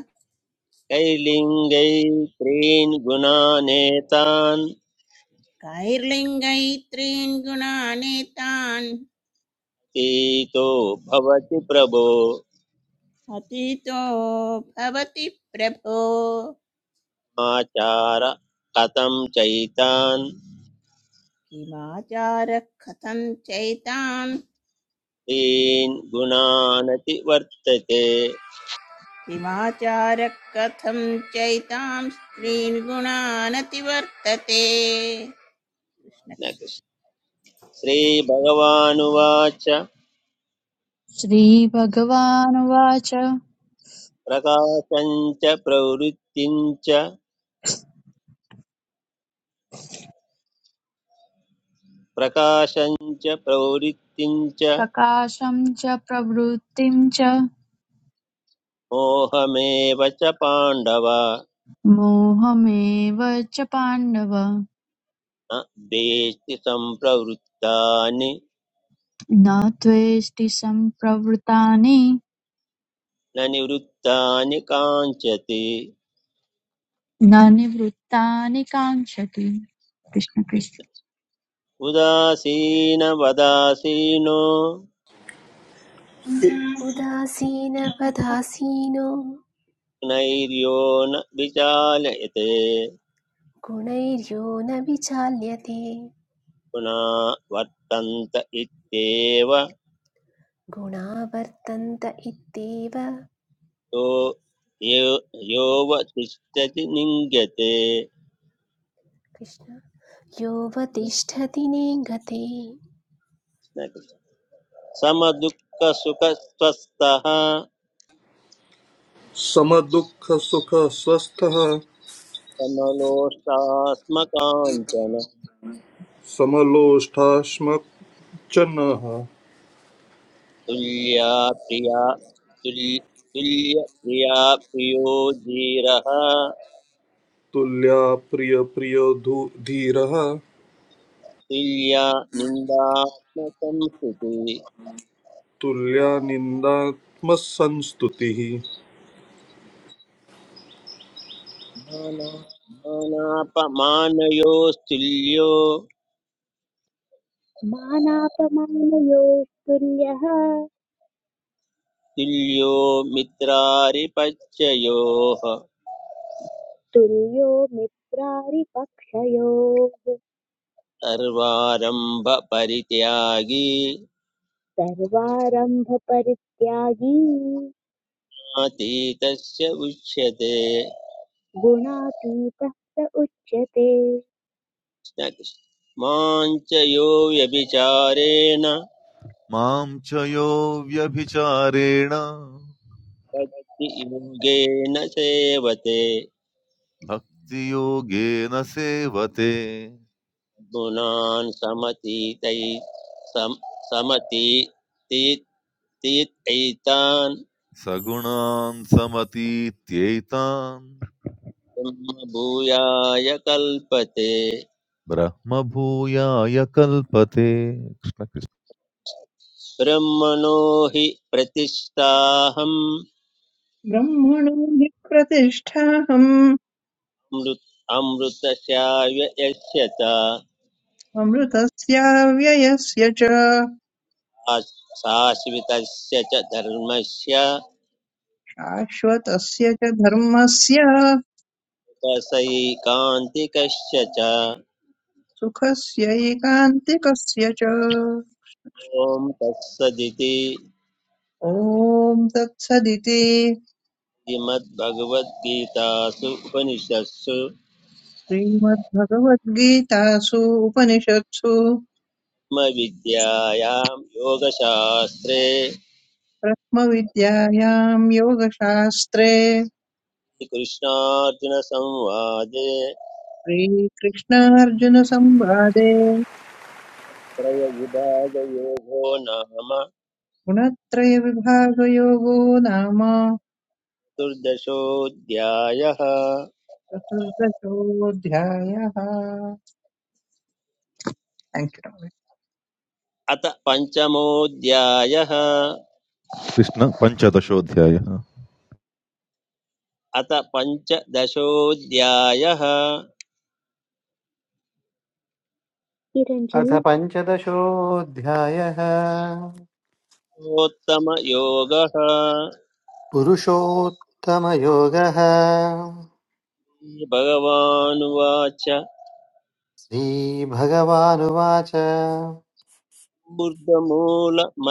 कैलिङ्गै त्रीन् गुणानेतान्
कैर्लिङ्गैत्रीन् गुणानेतान्
तीतो भवति प्रभो
अतीतो भवति प्रभो
आचार कथं चैतान्
किमाचारः कथं चैतान्
त्रीन् गुणानति वर्तते
किमाचारः कथं चैतां स्त्रीन् गुणानतिवर्तते
न कृष्ण। श्रीभगवानुवाच
श्रीभगवानुवाच
प्रकाशञ्च प्रवृत्तिञ्च प्रकाशञ्च प्रवृत्तिञ्च
प्रकाशं च प्रवृत्तिं च
मोहमेव च पाण्डव
मोहमेव च पाण्डव
न द्वेष्टि सम्प्रवृत्तानि
न त्वेष्टि सम्प्रवृत्तानि
न निवृत्तानि काञ्चति
न निवृत्तानि काङ्क्षति कृष्ण कृष्ण
कृष्ण। उदासीनवदासीनो
उदासीनपदासीनो
नैर्यो न विचालयते
गुणैर्यो न विचाल्यते
पुना वर्तन्त इत्येव
गुणा वर्तन्त इत्येव
यो यो यो वतिष्ठति
कृष्ण
निङ्गते
योऽवतिष्ठति नेङ्गते
समदुःखसुखस्वस्थः
समदुःखसुखस्वस्थः
समलोष्टास्मकाञ्चन
समलोष्ठाश्मच्चनः
तुल्या प्रिया तुल्य तुल्यप्रिया प्रियो धीरः
तुल्या प्रियप्रियो धू- धीरः
तुल्या निन्दात्मकं स्तुति
तुल्या निन्दात्मसंस्तुतिः
माना मानापमानयोस्तुल्यो
मानापमानयोस्तुल्यः
तुल्यो मित्रारिपच्ययोः
तुल्यो मित्रारिपक्षयोः
सर्वारम्भपरित्यागी
सर्वारम्भपरित्यागी
अतीतस्य उच्यते
गुणातीतः स उच्यते
माञ्च यो व्यभिचारेण
mam chayovya bhicare na
भक्ति योगेन सेवते
bhaktiyoge na sevate
गुणान् समतीतै सम समतीतीतैतान्
sagunan samati tietan.
ब्रह्मभूयाय कल्पते
Brahma Bhuya Ayakalpate Krishna
ब्रह्मणो हि प्रतिष्ठाहं
ब्रह्मणो हि प्रतिष्ठाहम्
मृत् अमृतस्याव्ययस्यत
अमृतस्याव्ययस्य च
शाश्वतस्य च धर्मस्य
शाश्वतस्य च धर्मस्य
रसैकान्तिकश्च च
सुखस्यैकान्तिकस्य च
ॐ तत्सदिति
ॐ तत्सदिति
श्रीमद्भगवद्गीतासु उपनिषत्सु
श्रीमद्भगवद्गीतासु उपनिषत्सु
ब्रह्मविद्यायां योगशास्त्रे
ब्रह्मविद्यायां योगशास्त्रे
कृष्णार्जुनसंवादे
श्रीकृष्णार्जुनसंवादे
त्रयविभागयोगो नाम
गुणत्रयविभागयोगो नाम
दुर्दशोऽध्यायः
चतुर्दशोऽध्यायः Thank you, Ravi.
अथ पञ्चमोऽध्यायः
Krishna Pancha Tashodhyaaya
अथ पञ्चदशोऽध्यायः
किरञ्जी
अथ पञ्चदशोऽध्यायः
उत्तमयोगः
पुरुषोत्तमयोगः
भगवानुवाच
श्रीभगवानुवाच
बुद्धमूलमदशाकम्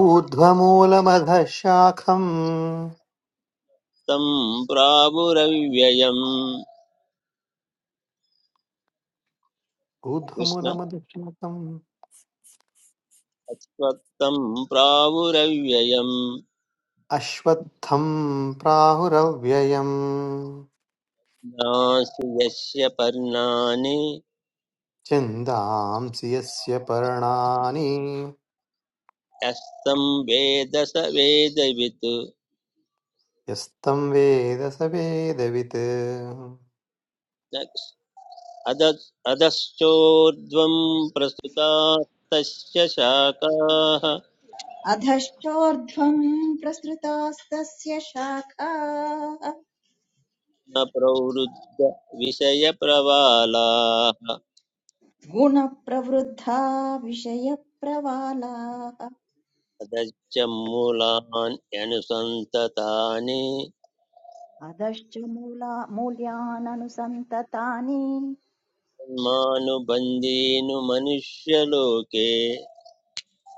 ऊर्ध्वमूलमधः शाखम्
तं प्रावुरव्ययम् कृष्ण
ऊर्ध्वमूलमधः शाखम्
अश्वत्थं प्रावुरव्ययम्
अश्वत्थम् प्राहुरव्ययम्
नास्ति यस्य पर्णानि
चिन्तांसि यस्य पर्णानि
यस्तं वेद स वेदवित्
यस्तं वेद स वेदवित्
अद अधश्चोर्ध्वं प्रस्तुतास्तस्य शाखाः
अधश्चोर्ध्वं प्रसृतास्तस्य शाखाः
न प्रवृद्ध विषयप्रवालाः
गुणप्रवृद्धा विषयप्रवालाः
तदच्च मूलान् यनुसन्ततानि
अधश्च मूला मूल्याननुसन्ततानि
मानुबन्धीनु मनुष्यलोके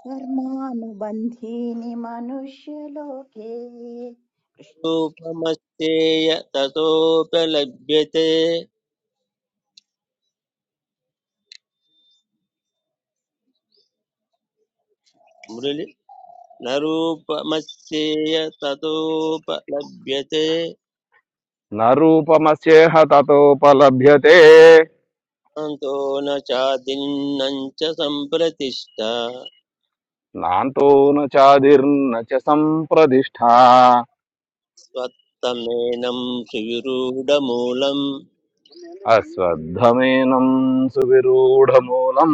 कर्मानुबन्धीनि मनुष्यलोके कृष्ण
रूपमस्येय ततोपलभ्यते मुरलि न रूपमस्येय ततोपलभ्यते
न रूपमस्येह ततोपलभ्यते
अन्तो न चादिन्नं च सम्प्रतिष्ठा
नान्तो न चादिर्न च सम्प्रतिष्ठा
स्वत्तमेनं सुविरूढमूलं
అశ్వత్థమేనం సువిరూఢమూలం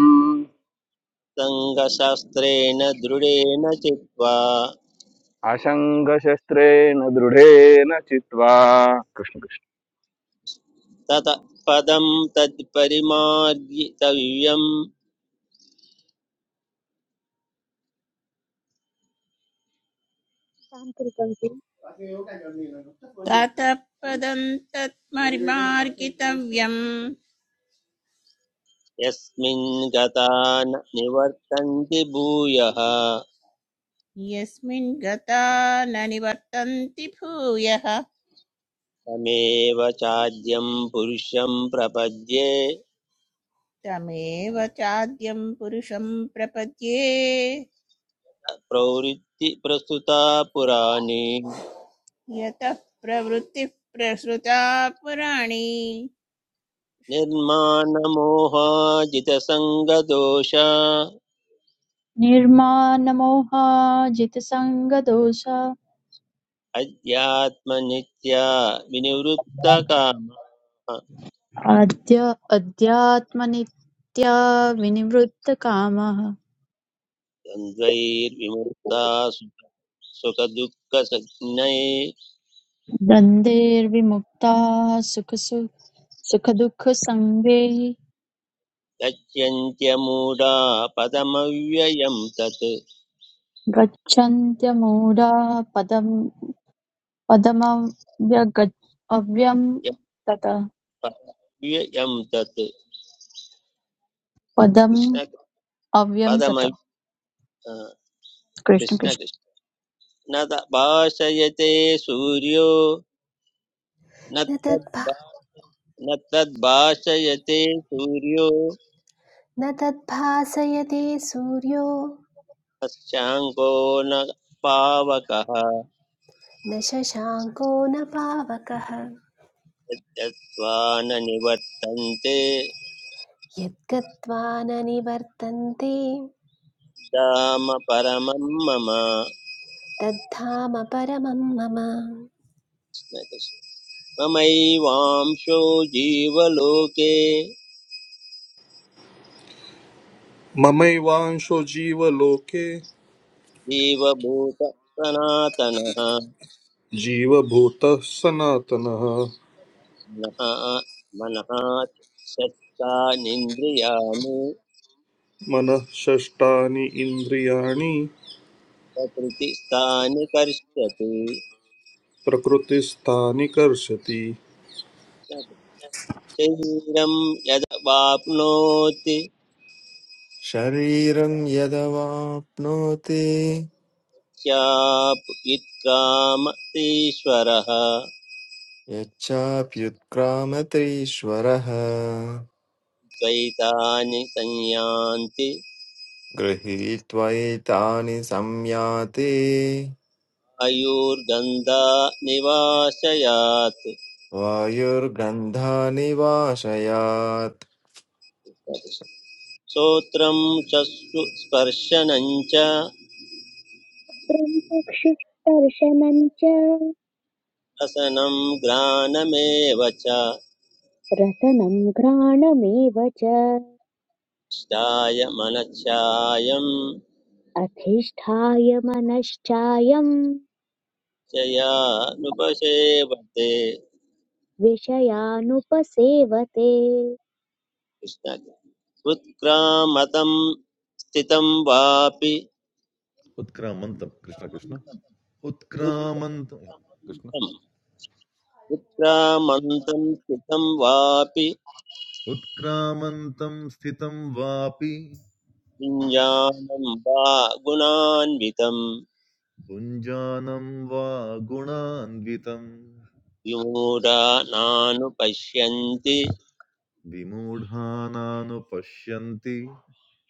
सङ्गशास्त्रेण दृढेन चित्वा
అశంగశస్త్రేణ దృఢేన చిత్వా కృష్ణ కృష్ణ
तत पदं तत्परिमार्गितव्यम्
तान्त्रिकञ्जी
ततः पदं तत्मर्मार्गितव्यम्
यस्मिन् गता न निवर्तन्ति भूयः
यस्मिन् गता न निवर्तन्ति भूयः
तमेव चाद्यं पुरुषं प्रपद्ये
तमेव चाद्यं पुरुषं प्रपद्ये
प्रवृत्ति प्रस्तुता पुराणी
यतः प्रवृत्तिः प्रसृता पुराणी
निर्माणमोहाजितसङ्गदोष
निर्मानमोहाजितसङ्गदोष
अध्यात्मनित्या विनिवृत्तकामा
आद्य अध्यात्मनित्या विनिवृत्तकामः
द्वन्द्वैर्विमुक्ता सुखदुःखसञ्ज्ञै
द्वन्द्वैर्विमुक्ताः सुखसु सुखदुःखसङ्गैः
गच्छन्त्यमूढा पदमव्ययं तत्
गच्छन्त्यमूढाः पदं पदमव्यग अव्यं
यत्
तत
पदमव्ययं तत्
पदम्
कृष्ण
अव्यं
पदम
तत कृष्ण
कृष्ण
कृष्ण
कृष्ण न भाषयते सूर्यो न
न तद्भा
तद्भा न तद्भाषयते सूर्यो
न तद्भासयते सूर्यो
तस्याङ्को न पावकः
न शशाङ्को न पावकः
यद्यत्वा न निवर्तन्ते
यद्गत्वा न निवर्तन्ते
धाम परमं मम
तद्धाम परमं मम
कृष्ण कृष्ण। ममैवांशो जीवलोके
ममैवांशो जीवलोके
जीवभूत सनातनः
जीवभूतः सनातनः
मनः मनः शस्तानिन्द्रियाणि
मनः षष्ठानि इन्द्रियाणि
प्रकृतिस्थानि कर्षति
प्रकृतिस्थानि कर्षति
शरीरं यदवाप्नोति
शरीरं यदवाप्नोति
स्याप् विक्रामतीश्वरः
यच्चाप्युत्क्रामतीश्वरः
द्वैतानि संयान्ति
गृहीत्वैतानि संयाति
आयुर्गन्धा निवासयात्
वायुर्गन्धानि वाशयात्
श्रोत्रं चक्षुस्पर्शनं च
प्रमुखशिष्टर्शनम् च
रसनं ग्रानमेव च
रसनं घ्राणमेव च
इष्टाय मनश्चायं
अधिष्ठाय मनश्चायं
चयानुपसेवते
विषयानुपसेवते
कृष्ण उत्क्रामतं स्थितं वापि
Utkramantam Krishna Krishna Utkramantam
उत्क्रामन्तम् उत्क्रामन्तं स्थितं वापि
Utkramantam Sthitam Vapi
विञ्जानं वा गुणान्वितं
Punja Namva Gunanvitan
विमूढा नानुपश्यन्ति
Vimudhana No Pasyanti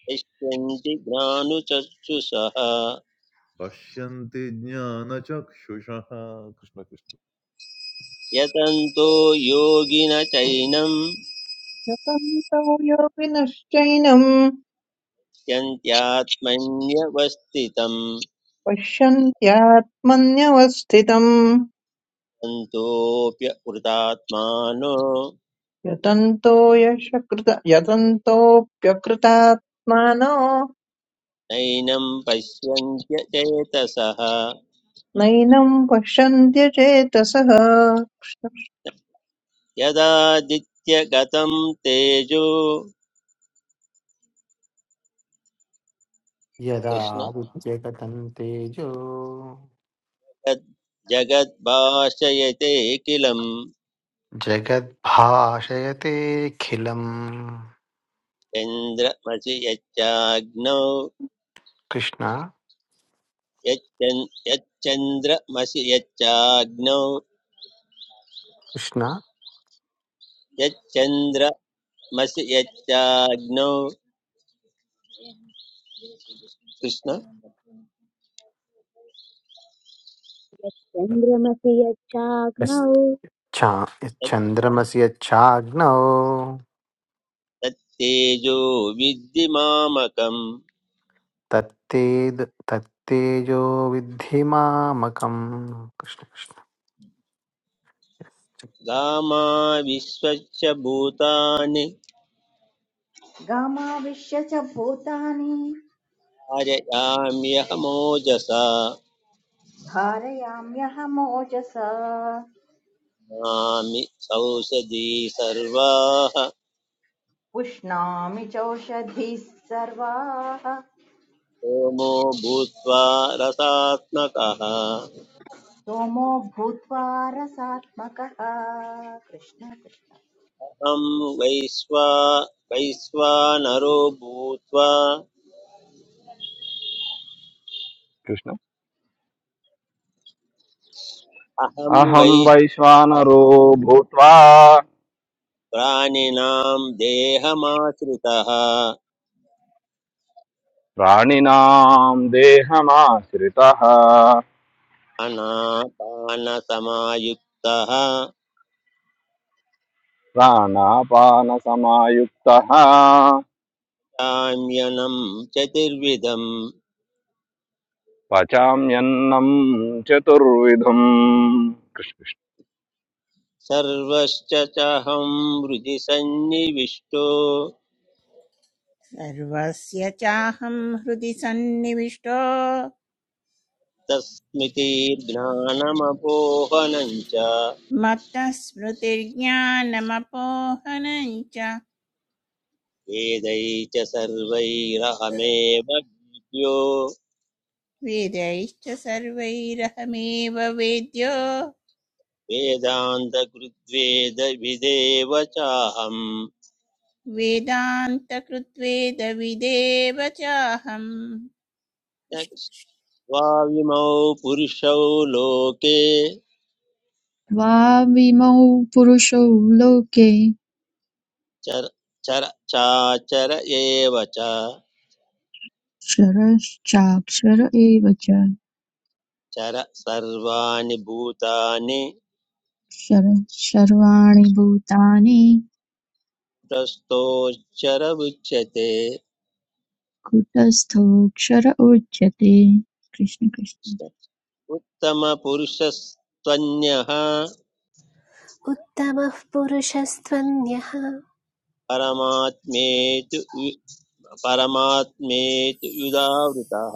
पश्यन्ति ज्ञानुचक्षुषः
Pasyanti Jnana Chakshusha
यतन्तो योगिन चैनं
यतन्तो योगिनश्चैनं
यन्त्यात्मन्यवस्थितं
पश्यन्त्यात्मन्यवस्थितम्
तन्तोऽप्यकृतात्मानो
यतन्तो यशकृत यतन्तोऽप्यकृतात्मानो
नैनं पश्यन्त्य चेतसः
नैनं पश्यन्त्य चेतसः
यदादित्यगतं तेजो
यदा
कृष्ण
विद्यगतं तेजो
तद् जगद्भाषयते किलं
जगद्भाषयतेऽखिलम्
चन्द्रमसि यच्चाग्नौ
कृष्ण
यच्चन्- यच्चन्द्रमसि यच्चाग्नौ
कृष्ण
यच्चन्द्र मसि यच्चाग्नौ कृष्ण
चन्द्रमसि यच्चाग्नौ
यश्चा
तत्-
यच्चन्द्रमसि यच्चाग्नौ
तत्तेजो विद्धि मामकं
तत्तेद् तत्तेजो विद्धि मामकम् कृष्ण कृष्ण
गामा विश्वस्य भूतानि
गामाविश्य च भूतानि
कारयाम्यहमोजसा
धारयाम्यहमोजसा
मामि सौषधी सर्वाः
उष्णामि चौषधिः सर्वाः
सोमो भूत्वा रसात्मकः अहं
सोमो भूत्वा रसात्मकः कृष्ण कृष्ण
वैश्वा वैश्वानरो भूत्वा
కృష్ణ
अहं वै
అహం వైశ్వానరో భూత్వా
प्राणिनां देहमाश्रितः
ప్రాణినాం దేహమాశ్రిత
अनापानसमायुक्तः
ప్రాణాపాన సమాయుక్త
साम्यनं चतुर्विधं
పచామ్యన్నం చతుర్విధం కృష్ణ కృష్ణ
सर्वश्च चाहं हृदि सन्निविष्टो
सर्वस्य चाहं हृदि सन्निविष्टो
तस्मितीर्ज्ञानमपोहनं च
मत्तः स्मृतिर्ज्ञानमपोहनं च
वेदै च सर्वैरहमेव विद्यो
वेदैश्च सर्वैरहमेव वेद्यो
वेदान्तकृद्वेदविदेव चाहम्
वेदान्तकृत्वेदविदेव चाहम्
कृष्ण। द्वाविमौ पुरुषौ लोके
द्वाविमौ पुरुषौ लोके
चर चर चाचर एव च
क्षरश्चाक्षर एव च
चर सर्वाणि भूतानि
क्षरः सर्वाणि भूतानि
प्रस्थोच्चर उच्यते
कूटस्थोऽक्षर उच्यते कृष्ण कृष्ण
उत्तमपुरुषस्त्वन्यः
उत्तमः पुरुषस्त्वन्यः
परमात्मेतु वि- परमात्मेतु युदावृतः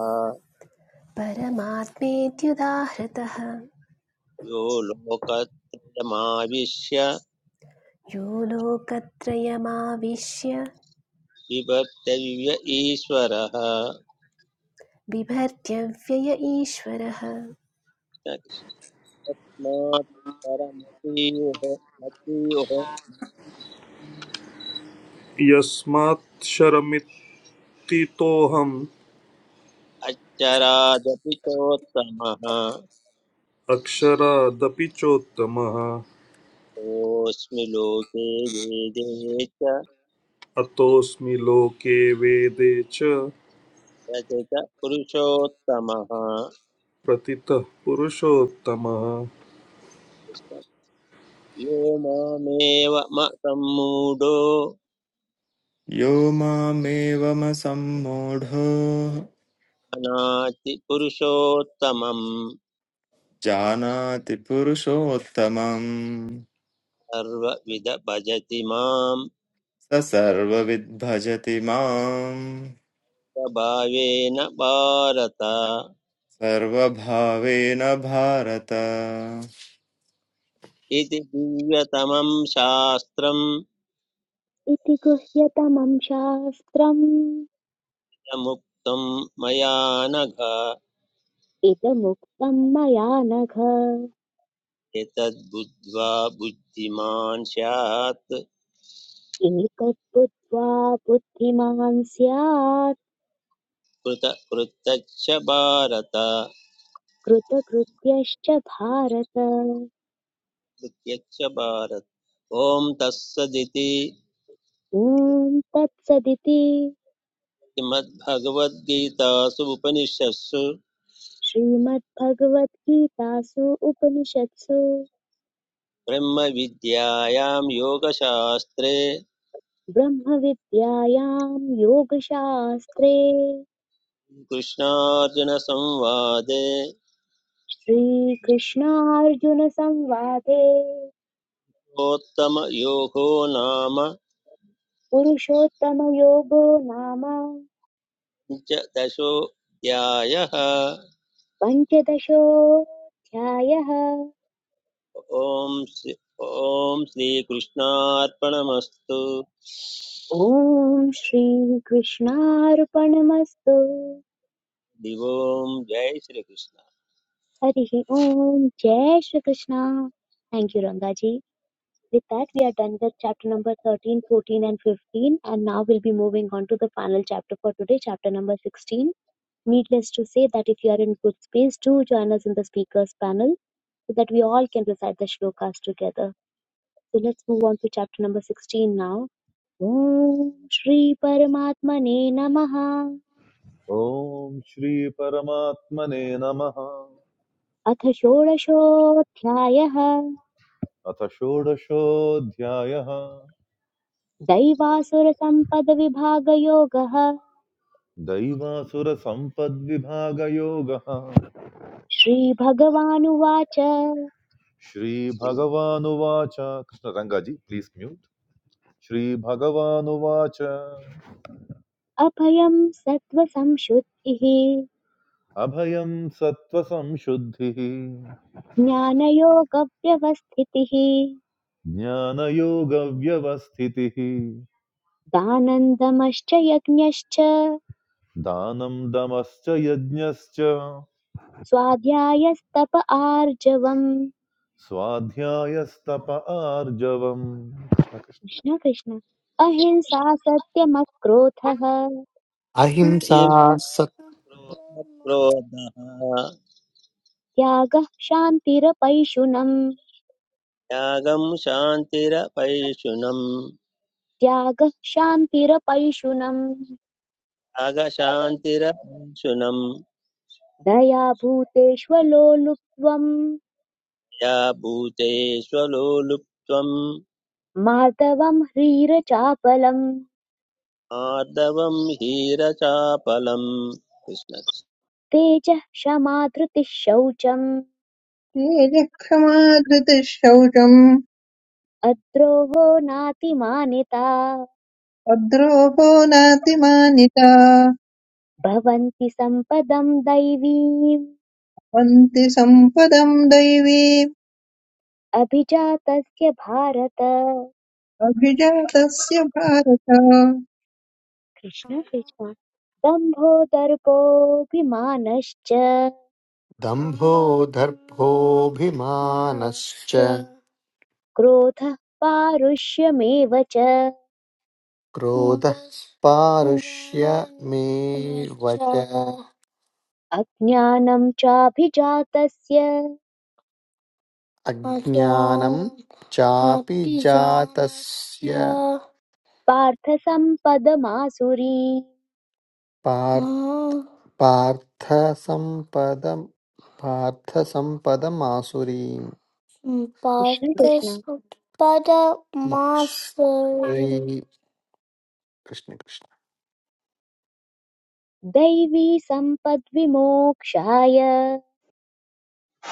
परमात्मेत्युदाहृतः
यो लोकत्रयमाविश्य
यो लोकत्रयमाविश्य
विभक्तव्य ईश्वरः
बिभर्त्य व्यय ईश्वरः
तस्मात् परमतीयुः मतीयुः
यस्मात् शरमित्थितोऽहम्
अच्चरादपि चोत्तमः
अक्षरादपि चोत्तमः
कोऽस्मि लोके वेदे च
अतोऽस्मि लोके वेदे च
रचित पुरुषोत्तमः
प्रतितः पुरुषोत्तमः
यो मामेव म सम्मूढो
यो मामेवमसम्मूढो
अनाति पुरुषोत्तमम्
जानाति पुरुषोत्तमम्
सर्वविध भजति माम्
स सर्वविद्भजति माम्
प्रभावेन भारत
सर्वभावेन भारत
इति दिव्यतमं शास्त्रं
इति गुह्यतमं शास्त्रम्
मुक्तं मया नघ
इदमुक्तं मया नघ
एतद्बुद्ध्वा बुद्धिमान् स्यात्
एतत् बुद्धिमान् स्यात्
कृत कृत्यक्ष भारत
कृतकृत्यश्च भारत
कृत्यक्ष भारत ॐ तत्सदिति
ॐ तत्सदिति
श्रीमद्भगवद्गीतासु उपनिषत्सु
श्रीमद्भगवद्गीतासु उपनिषत्सु
ब्रह्मविद्यायां योगशास्त्रे
ब्रह्मविद्यायां योगशास्त्रे
कृष्णार्जुनसंवादे
श्रीकृष्णार्जुनसंवादे
उत्तमयोगो नाम
पुरुषोत्तमयोगो नाम
पञ्चदशोऽध्यायः
पञ्चदशोऽध्यायः
ॐ श्रीकृष्णार्पणमस्तु
ॐ श्रीकृष्णार्पणमस्तु
दिवों जय श्रीकृष्ण
हरिः ॐ जय Shri Krishna Thank you, Rangaji. With that, we are done with chapter number thirteen, fourteen, and 15. And now we'll be moving on to the final chapter for today, chapter number 16. Needless to say that if you are in good space, do join us in the speakers panel so that we all can recite the shlokas together. So let's move on to chapter number 16 now. ॐ श्री परमात्मने नमः
Om Shri Paramatmane Namaha
अथ षोडशोऽध्यायः
Athashodashodhyaaya
दैवासुरसम्पदविभागयोगः
दैवासुर सम्पद्विभागयोगः
श्रीभगवानुवाच
सिद्धिं
श्रीभगवानुवाच कृष्णरङ्गाजी please mute श्रीभगवानुवाच
अभयं सत्त्वसंशुद्धिः
अभयं सत्त्वसंशुद्धिः
ज्ञानयोगव्यवस्थितिः
ज्ञानयोगव्यवस्थितिः
दानन्दमश्च यज्ञश्च
दानं दमश्च यज्ञश्च
स्वाध्यायस्तप आर्जवम्
स्वाध्यायस्तप आर्जवम्
कृष्ण कृष्ण अहिंसा सत्यमक्रोधः
अहिंसा सत्
क्रोधः
त्यागः शान्तिरपैशुनम्
त्यागं शान्तिरपैशुनम्
त्यागः शान्तिरपैशुनम्
त्यागशान्तिरपैशुनम्
दया भूतेष्वलोलुप्त्वम्
या भूतेष्वलोलुप्त्वम्
मार्दवम् ह्रीरचापलम्
आर्दवं हीरचापलम्
तेजः क्षमा धृतिः शौचम्
ते क्षमाधृतिः शौचम्
अद्रोहो नातिमानिता
अद्रोहो नातिमानिता
भवन्ति सम्पदम् दैवीम्
वन्ति सम्पदम् दैवीम्
अभिजातस्य भारत
अभिजातस्य भारत
कृष्ण कृष्ण दम्भो दर्पोऽभिमानश्च
दम्भो दर्भोऽभिमानश्च
क्रोधः पारुष्यमेव च
क्रोधः पारुष्यमेव च
अज्ञानं चाभिजातस्य
अज्ञानं
पार्थसम्पदमासुरी
पार् मा पार्थसम्पदम् पार्थसम्पदमासुरीम् पार्थसम्पदमासुरीं श्री
कृष्ण कृष्ण
पार्थसम्पदमासुरीं कृष्ण कृष्ण
दैवी सम्पद्विमोक्षाय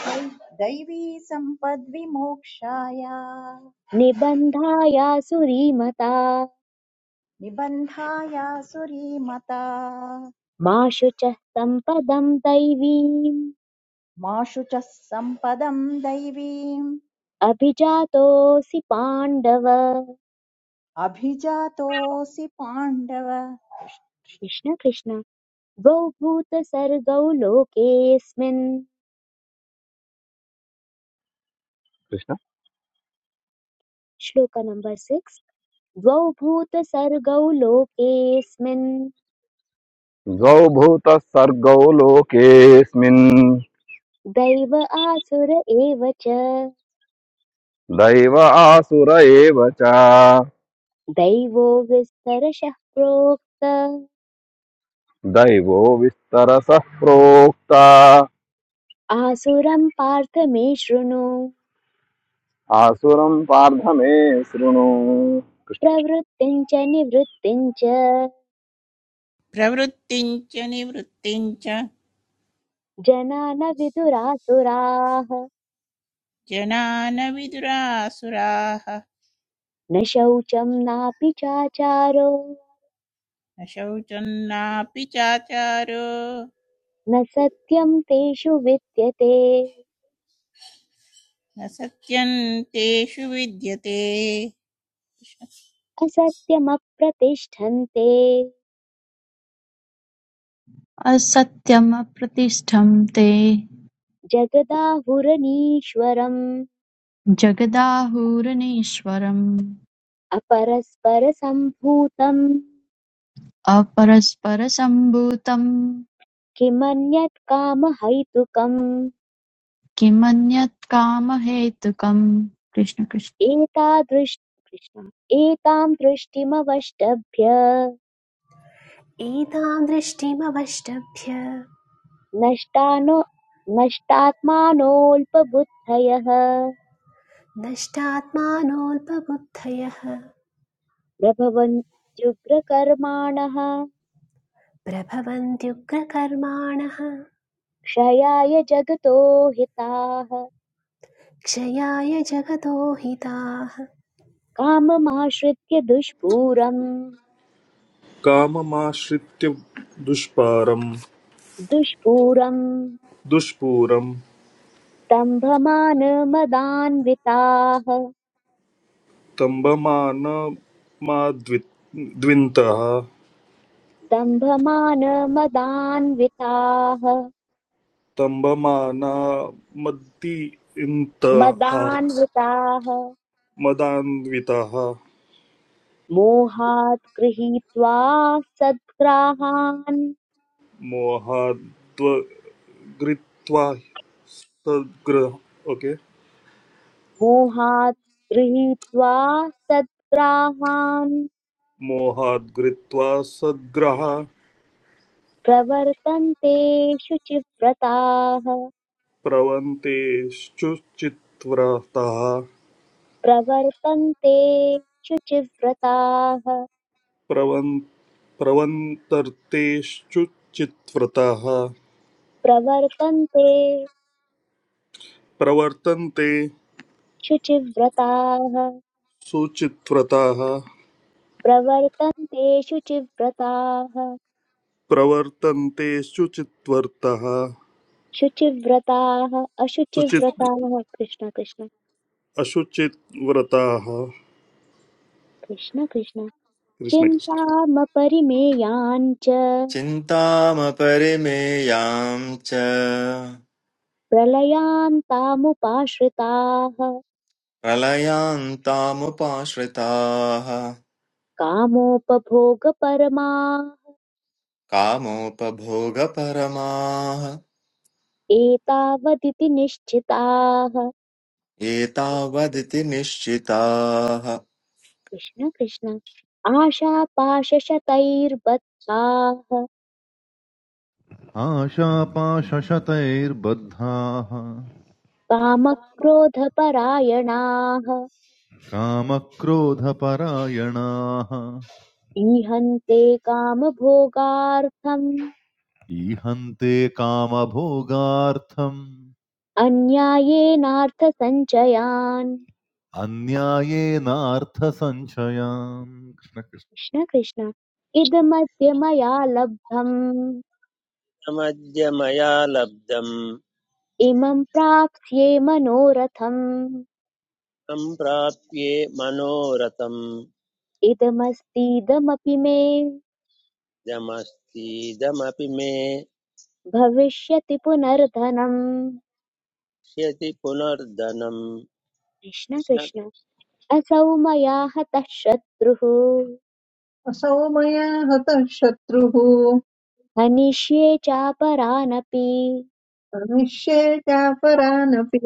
दै- दैवी सम्पद्विमोक्षाय
निबन्धायासुरीमता
निबन्धाय सुरीमता
मा शुचः सम्पदं दैवीम्
माशु च सम्पदं दैवीम्
अभिजातोऽसि पाण्डव
अभिजातोऽसि पाण्डव
कृष्ण कृष्ण द्वौ भूतसर्गौ लोकेऽस्मिन्
కృష్ణ
श्लोक नंबर 6 द्वौ भूतसर्गौ लोकेऽस्मिन्
ద్వౌ భూత సర్గౌ లోకేస్మిన్
दैव आसुर एव च
दैव आसुर एव च
दैवो विस्तरशः प्रोक्त
दैवो विस्तरसः प्रोक्ता
आसुरं पार्थ मे शृणु
आसुरं पार्थ मे शृणु कृष्ण कृष्ण
प्रवृत्तिं च निवृत्तिं च
प्रवृत्तिञ्च निवृत्तिञ्च
जना न विदुरासुराः
जना न विदुरासुराः
न शौचं नापि चाचारो
न शौचं नापि चाचारो
न सत्यं तेषु विद्यते
न सत्यं तेषु विद्यते
असत्यमप्रतिष्ठन्ते
असत्यमप्रतिष्ठं ते
जगदाहुरनीश्वरम्
जगदाहुरनीश्वरम्
अपरस्परसम्भूतम्
अपरस्परसम्भूतम्
किमन्यत् कामहैतुकम्
किमन्यत् कामहेतुकम् कृष्ण कृष्ण
एतादृश कृष्ण एतां दृष्टिमवष्टभ्य
एतां दृष्टिमवष्टभ्य
नष्टानो नष्टात्मानोऽल्पबुद्धयः
नष्टात्मानोऽल्पबुद्धयः
प्रभवन्त्युग्रकर्माणः
प्रभवन्त्युग्रकर्माणः
क्षयाय जगतो हिताः
क्षयाय जगतो हिताः
काममाश्रित्य दुष्पूरम्
काममाश्रित्य दुष्पारं
दुष्पूरम्
दुष्पूरं
दम्भमानमदान्विताः
तम्बमानमाद्विन्तः
दम्भमानमदान्विताः
स्तम्भमानामद्दि
मदान्विताः
इन्तः
मदान्विताः
मदान्वितः
मोहात् गृहीत्वा सद्ग्राहान्
मोहाद्वगृत्वा सद्ग्रह ओके
मोहात् गृहीत्वा सद्ग्राहान्
मोहाद्गृत्वा सद्ग्रह
प्रवर्तन्ते शुचिव्रताः
प्रवन्तेश्चुचित्व्रतः
प्रवर्तन्ते शुचिव्रताः
प्रवन् प्रवन्तर्तेश्चुचित्व्रतः
प्रवर्तन्ते
प्रवर्तन्ते
शुचिव्रताः
सुचित्व्रताः
प्रवर्तन्ते शुचिव्रताः
प्रवर्तन्ते सुचित्वर्तः
शुचिव्रताः
सुचित्
अशुचिव्रताः कृष्ण कृष्ण
अशुचित व्रताः
कृष्ण कृष्ण
कृष्ण कृष्ण
चिन्तामपरिमेयान् च
चिन्तामपरिमेयां च
प्रलयान्तामुपाश्रिताः
प्रलयान्तामुपाश्रिताः
कामोपभोगपरमाः
कामोपभोगपरमाः
एतावदिति निश्चिताः
एतावदिति निश्चिताः
कृष्ण कृष्ण आशापाशशतैर्बद्धाः
आशापाशशतैर्बद्धाः
कामक्रोधपरायणाः
कामक्रोधपरायणाः
ईहन्ते कामभोगार्थम्
ईहन्ते कामभोगार्थम्
अन्यायेनार्थसञ्चयान्
अन्यायेनार्थसञ्चयान् कृष्ण कृष्ण
कृष्ण कृष्ण इदमद्य मया लब्धम्
कृष्णमद्य मया लब्धम्
इमं प्राप्स्ये मनोरथम्
सम्प्राप्ये मनोरथम्
इदमस्तीदमपि मे
दमस्तीदमपि मे
भविष्यति पुनर्धनम्
क्ष्यति पुनर्धनम्
कृष्ण कृष्ण असौ मया हतः शत्रुः
असौ मया हतः शत्रुः
हनिष्ये चापरानपि
प्रविश्ये चापरानपि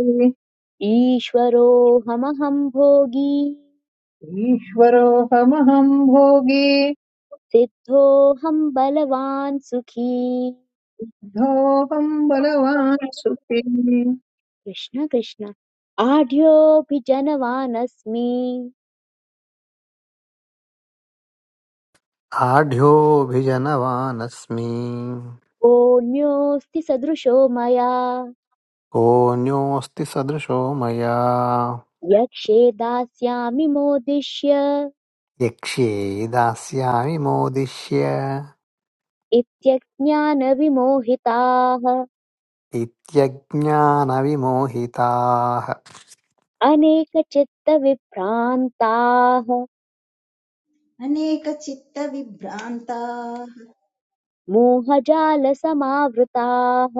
ईश्वरोऽहमहं भोगी
ईश्वरोऽहमहम् भोगी
सिद्धोऽहं बलवान् सुखी
सोऽहं बलवान् सुखी
कृष्ण कृष्ण आढ्योऽपि जनवानस्मि
आढ्योऽभिजनवानस्मि
कोऽन्योऽस्ति सदृशो मया
कोऽन्योऽस्ति सदृशो मया
यक्षे दास्यामि मोदिष्य
यक्ष्ये दास्यामि मोदिष्य
इत्यज्ञानविमोहिताः
इत्यज्ञानविमोहिताः
अनेकचित्तविभ्रान्ताः
अनेकचित्तविभ्रान्ताः
मोहजालसमावृताः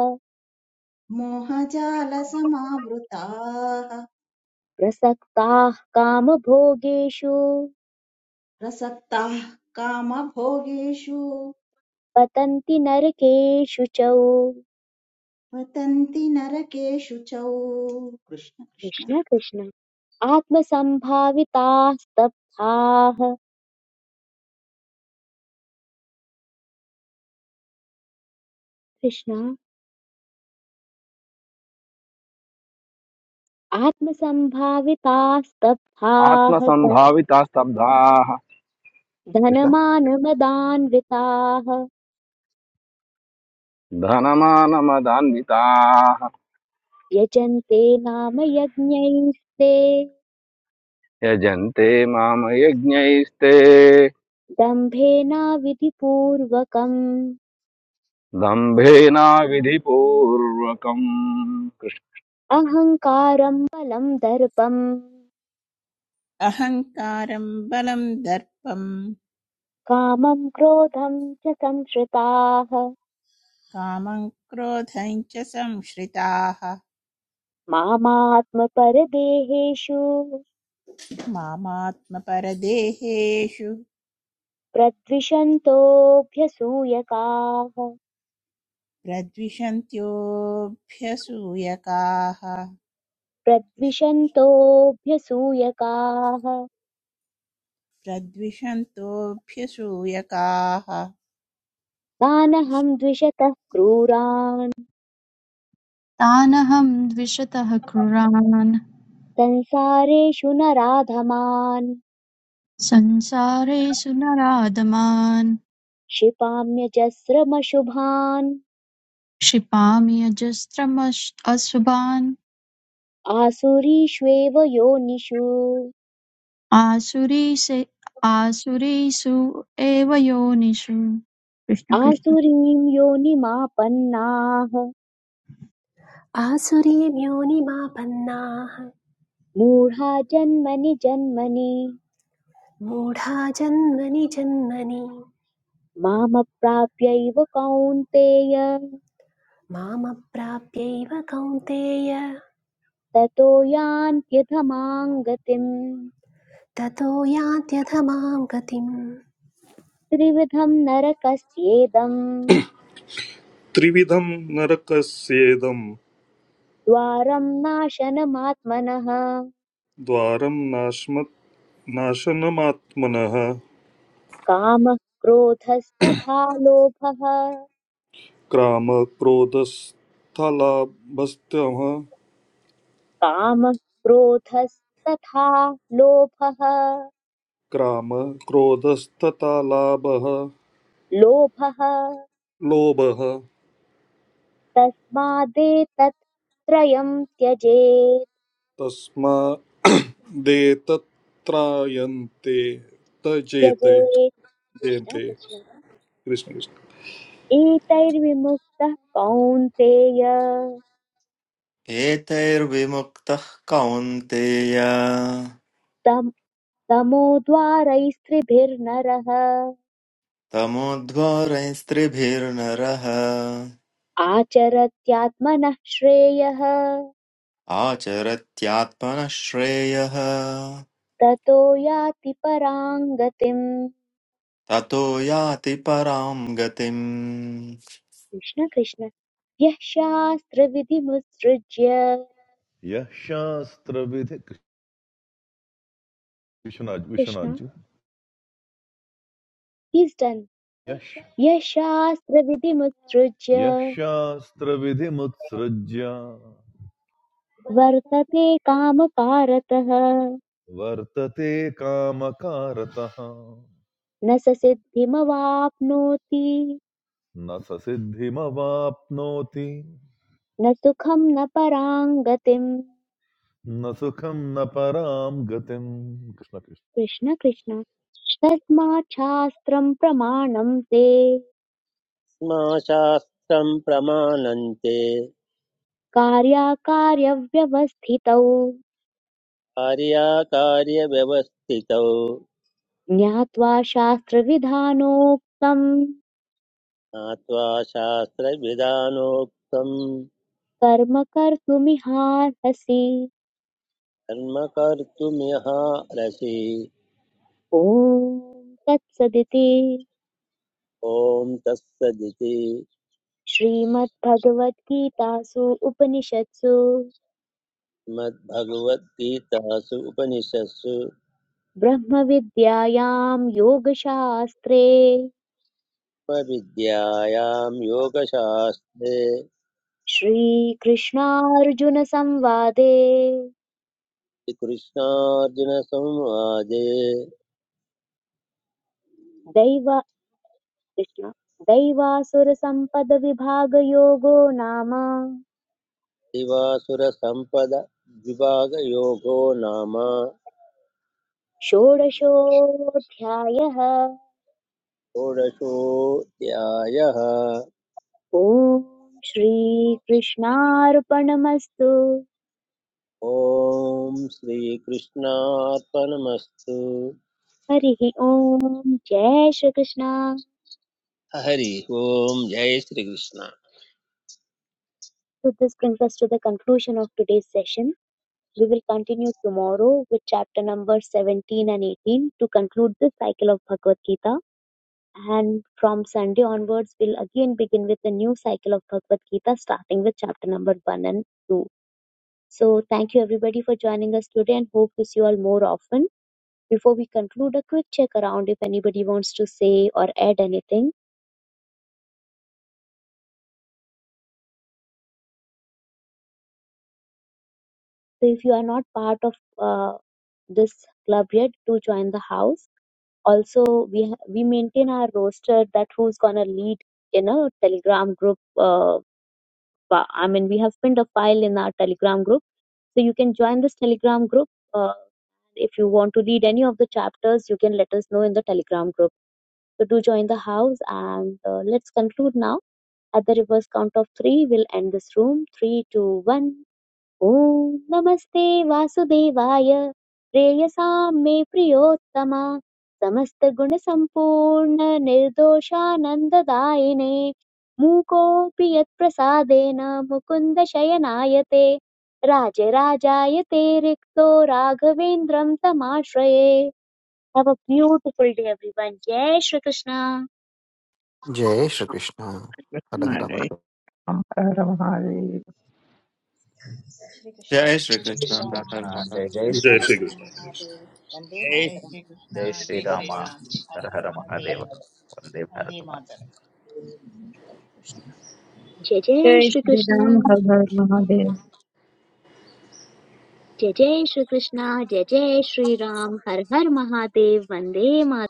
मोहजालसमावृताः
प्रसक्ताः कामभोगेषु
प्रसक्ताः कामभोगेषु
पतन्ति नरकेषु च
पतन्ति नरकेषु च कृष्ण कृष्ण
कृष्ण कृष्ण आत्मसम्भाविताः स्तब्धाः कृष्ण आत्मसम्भाविताः स्तब्धाः ध-
आत्मसम्भाविताः स्तब्धाः कृष्ण
धनमानमदान्विताः
धनमानमदान्विताः
यजन्ते नाम यज्ञैस्ते
यजन्ते माम यज्ञैस्ते
दम्भेनाविधिपूर्वकम्
दम्भेनाविधिपूर्वकम्
अहङ्कारम् बलम् दर्पम्
अहङ्कारं बलं दर्पं
कामम् क्रोधम् च संश्रिताः
कामं क्रोधं च संश्रिताः
मामात्मपरदेहेषु
मामात्मपरदेहेषु
प्रद्विषन्तोऽभ्यसूयकाः
प्रद्विषन्त्योऽभ्यसूयकाः कृष्ण कृष्ण।
प्रद्विषन्तोऽभ्यसूयकाः
प्रद्विषन्तोऽभ्यसूयकाः
तानहं द्विषतः क्रूरान्
तानहं द्विषतः क्रूरान्
संसारेषु नराधमान्
संसारेषु नराधमान्
क्षिपाम्यजस्रमशुभान्
क्षिपामि अजस्रमश् अशुभान्
आसुरीष्वेव योनिषु
आसुरीसे आसुरीषु एव योनिषु कृष्ण कृष्ण
आसुरीं योनिमापन्नाः
आसुरीं योनिमापन्नाः
मूढा जन्मनि जन्मनि
मूढा जन्मनि जन्मनि
मामप्राप्यैव कौन्तेय
मामप्राप्यैव कौन्तेय
ततो यान्त्यधमाम् गतिम्
ततो यान्त्यधमां गतिम्
त्रिविधम् नरकस्येदम्
त्रिविधं नरकस्येदं
द्वारम् नाशनमात्मनः
द्वारं नाश्म नाशनमात्मनः
कामः क्रोधस्तथा लोभः
क्राम क्रोधस्थलाभस्तमः
कामः क्रोधस्तथा लोभः
क्राम क्रोधस्तथा लाभः
लोभः
लोभः
तस्मादेतत् त्रयम् त्यजेत्
तस्मादेतत्रायन्ते तजेते
त्यजेत् कृष्ण
जयन्ते
कृष्ण
कृष्ण कृष्ण
एतैर्विमुक्तः कौन्तेय
एतैर्विमुक्तः कौन्तेय
तम् तमोद्वारैस्त्रिभिर्नरः
तमोध्वरैस्त्रिभिर्नरः
आचरत्यात्मनः श्रेयः
आचरत्यात्मनः श्रेयः
ततो याति पराम् गतिम्
ततो याति परां गतिम्
कृष्ण कृष्ण यः शास्त्रविधिमुत्सृज्य
यः शास्त्रविधि विश्वनाथ विश्वनाथ
कृष्ण
जी
इस् डन्
यः
यः शास्त्रविधिमुत्सृज्य
यः शास्त्रविधिमुत्सृज्य
वर्तते कामकारतः
वर्तते कामकारतः
न स सिद्धिमवाप्नोति
न स सिद्धिमवाप्नोति
न सुखं न पराम् गतिम्
न सुखं न परां गतिम् कृष्ण कृष्ण।
कृष्ण कृष्ण तस्माच्छास्त्रं प्रमाणं ते
मा शास्त्रम् प्रमाणन्ते
कार्याकार्यव्यवस्थितौ
कार्याकार्यव्यवस्थितौ
ज्ञात्वा शास्त्रविधानोक्तं
ज्ञात्वा शास्त्रविधानोक्तम्
कर्म कर्तुमिहार्हसि
कर्म कर्तुमिहारसि
ॐ तत्सदिति
ॐ तत्सदिति
श्रीमद्भगवद्गीतासु उपनिषत्सु
श्रीमद्भगवद्गीतासु उपनिषत्सु
ब्रह्मविद्यायां योगशास्त्रे
उपविद्यायां योगशास्त्रे
श्रीकृष्णार्जुनसंवादे
श्रीकृष्णार्जुनसंवादे
दैव कृष्ण दैवासुरसम्पदविभागयोगो नाम
दिवासुरसम्पद नाम
षोडशोऽध्यायः
षोडशोऽध्यायः
ॐ श्रीकृष्णार्पणमस्तु
ॐ श्रीकृष्णार्पणमस्तु
हरिः ॐ जय श्रीकृष्ण
हरि ओम् जय Shri Krishna
So this brings us to the conclusion of today's session. We will continue tomorrow with chapter number 17 and 18 to conclude this cycle of Bhagavad Gita. And from Sunday onwards, we'll again begin with a new cycle of Bhagavad Gita, starting with chapter number 1 and 2. So, thank you everybody for joining us today and hope to see you all more often. Before we conclude, a quick check around if anybody wants to say or add anything. So, if you are not part of uh, this club yet, do join the house also we ha- we maintain our roster that who's gonna lead in a telegram group Uh, uh, i mean we have pinned a file in our telegram group so you can join this telegram group uh, if you want to read any of the chapters you can let us know in the telegram group so do join the house and uh, let's conclude now at the reverse count of three we'll end this room three two one ॐ नमस्ते वासुदेवाय प्रेयसां मे प्रियोत्तम समस्तगुणसम्पूर्ण निर्दोषानन्ददायिने मूकोऽपि यत्प्रसादेन मुकुन्द शयनाय ते राजराजाय ते रिक्तो राघवेन्द्रं तमाश्रये have beautiful day everyone जय श्रीकृष्ण
जय श्रीकृष्ण
कृष्णाय नमः। हरे
श्रीकृष्ण
जय श्री
जय
Jayashree,
श्रीराम
Jay
कृष्ण
जय
हर
Jayashree,
श्री
हर
कृष्ण
महादेव वन्दे
जय
జై
मातरम्
శ్రీ కృష్ణ జై
Jayashree Rama,
Sriram Hara
Har
Hara
Har Mahadeva,
Mahadev
our Lord
Vande
Bhagavatam.
మాతరం
कृष्ण।
जय जय
जय श्री
श्रीकृष्ण
राम हर हर महादेव
जय जय श्रीकृष्ण जय जय श्रीराम हर हर महादेव वन्दे मातरम्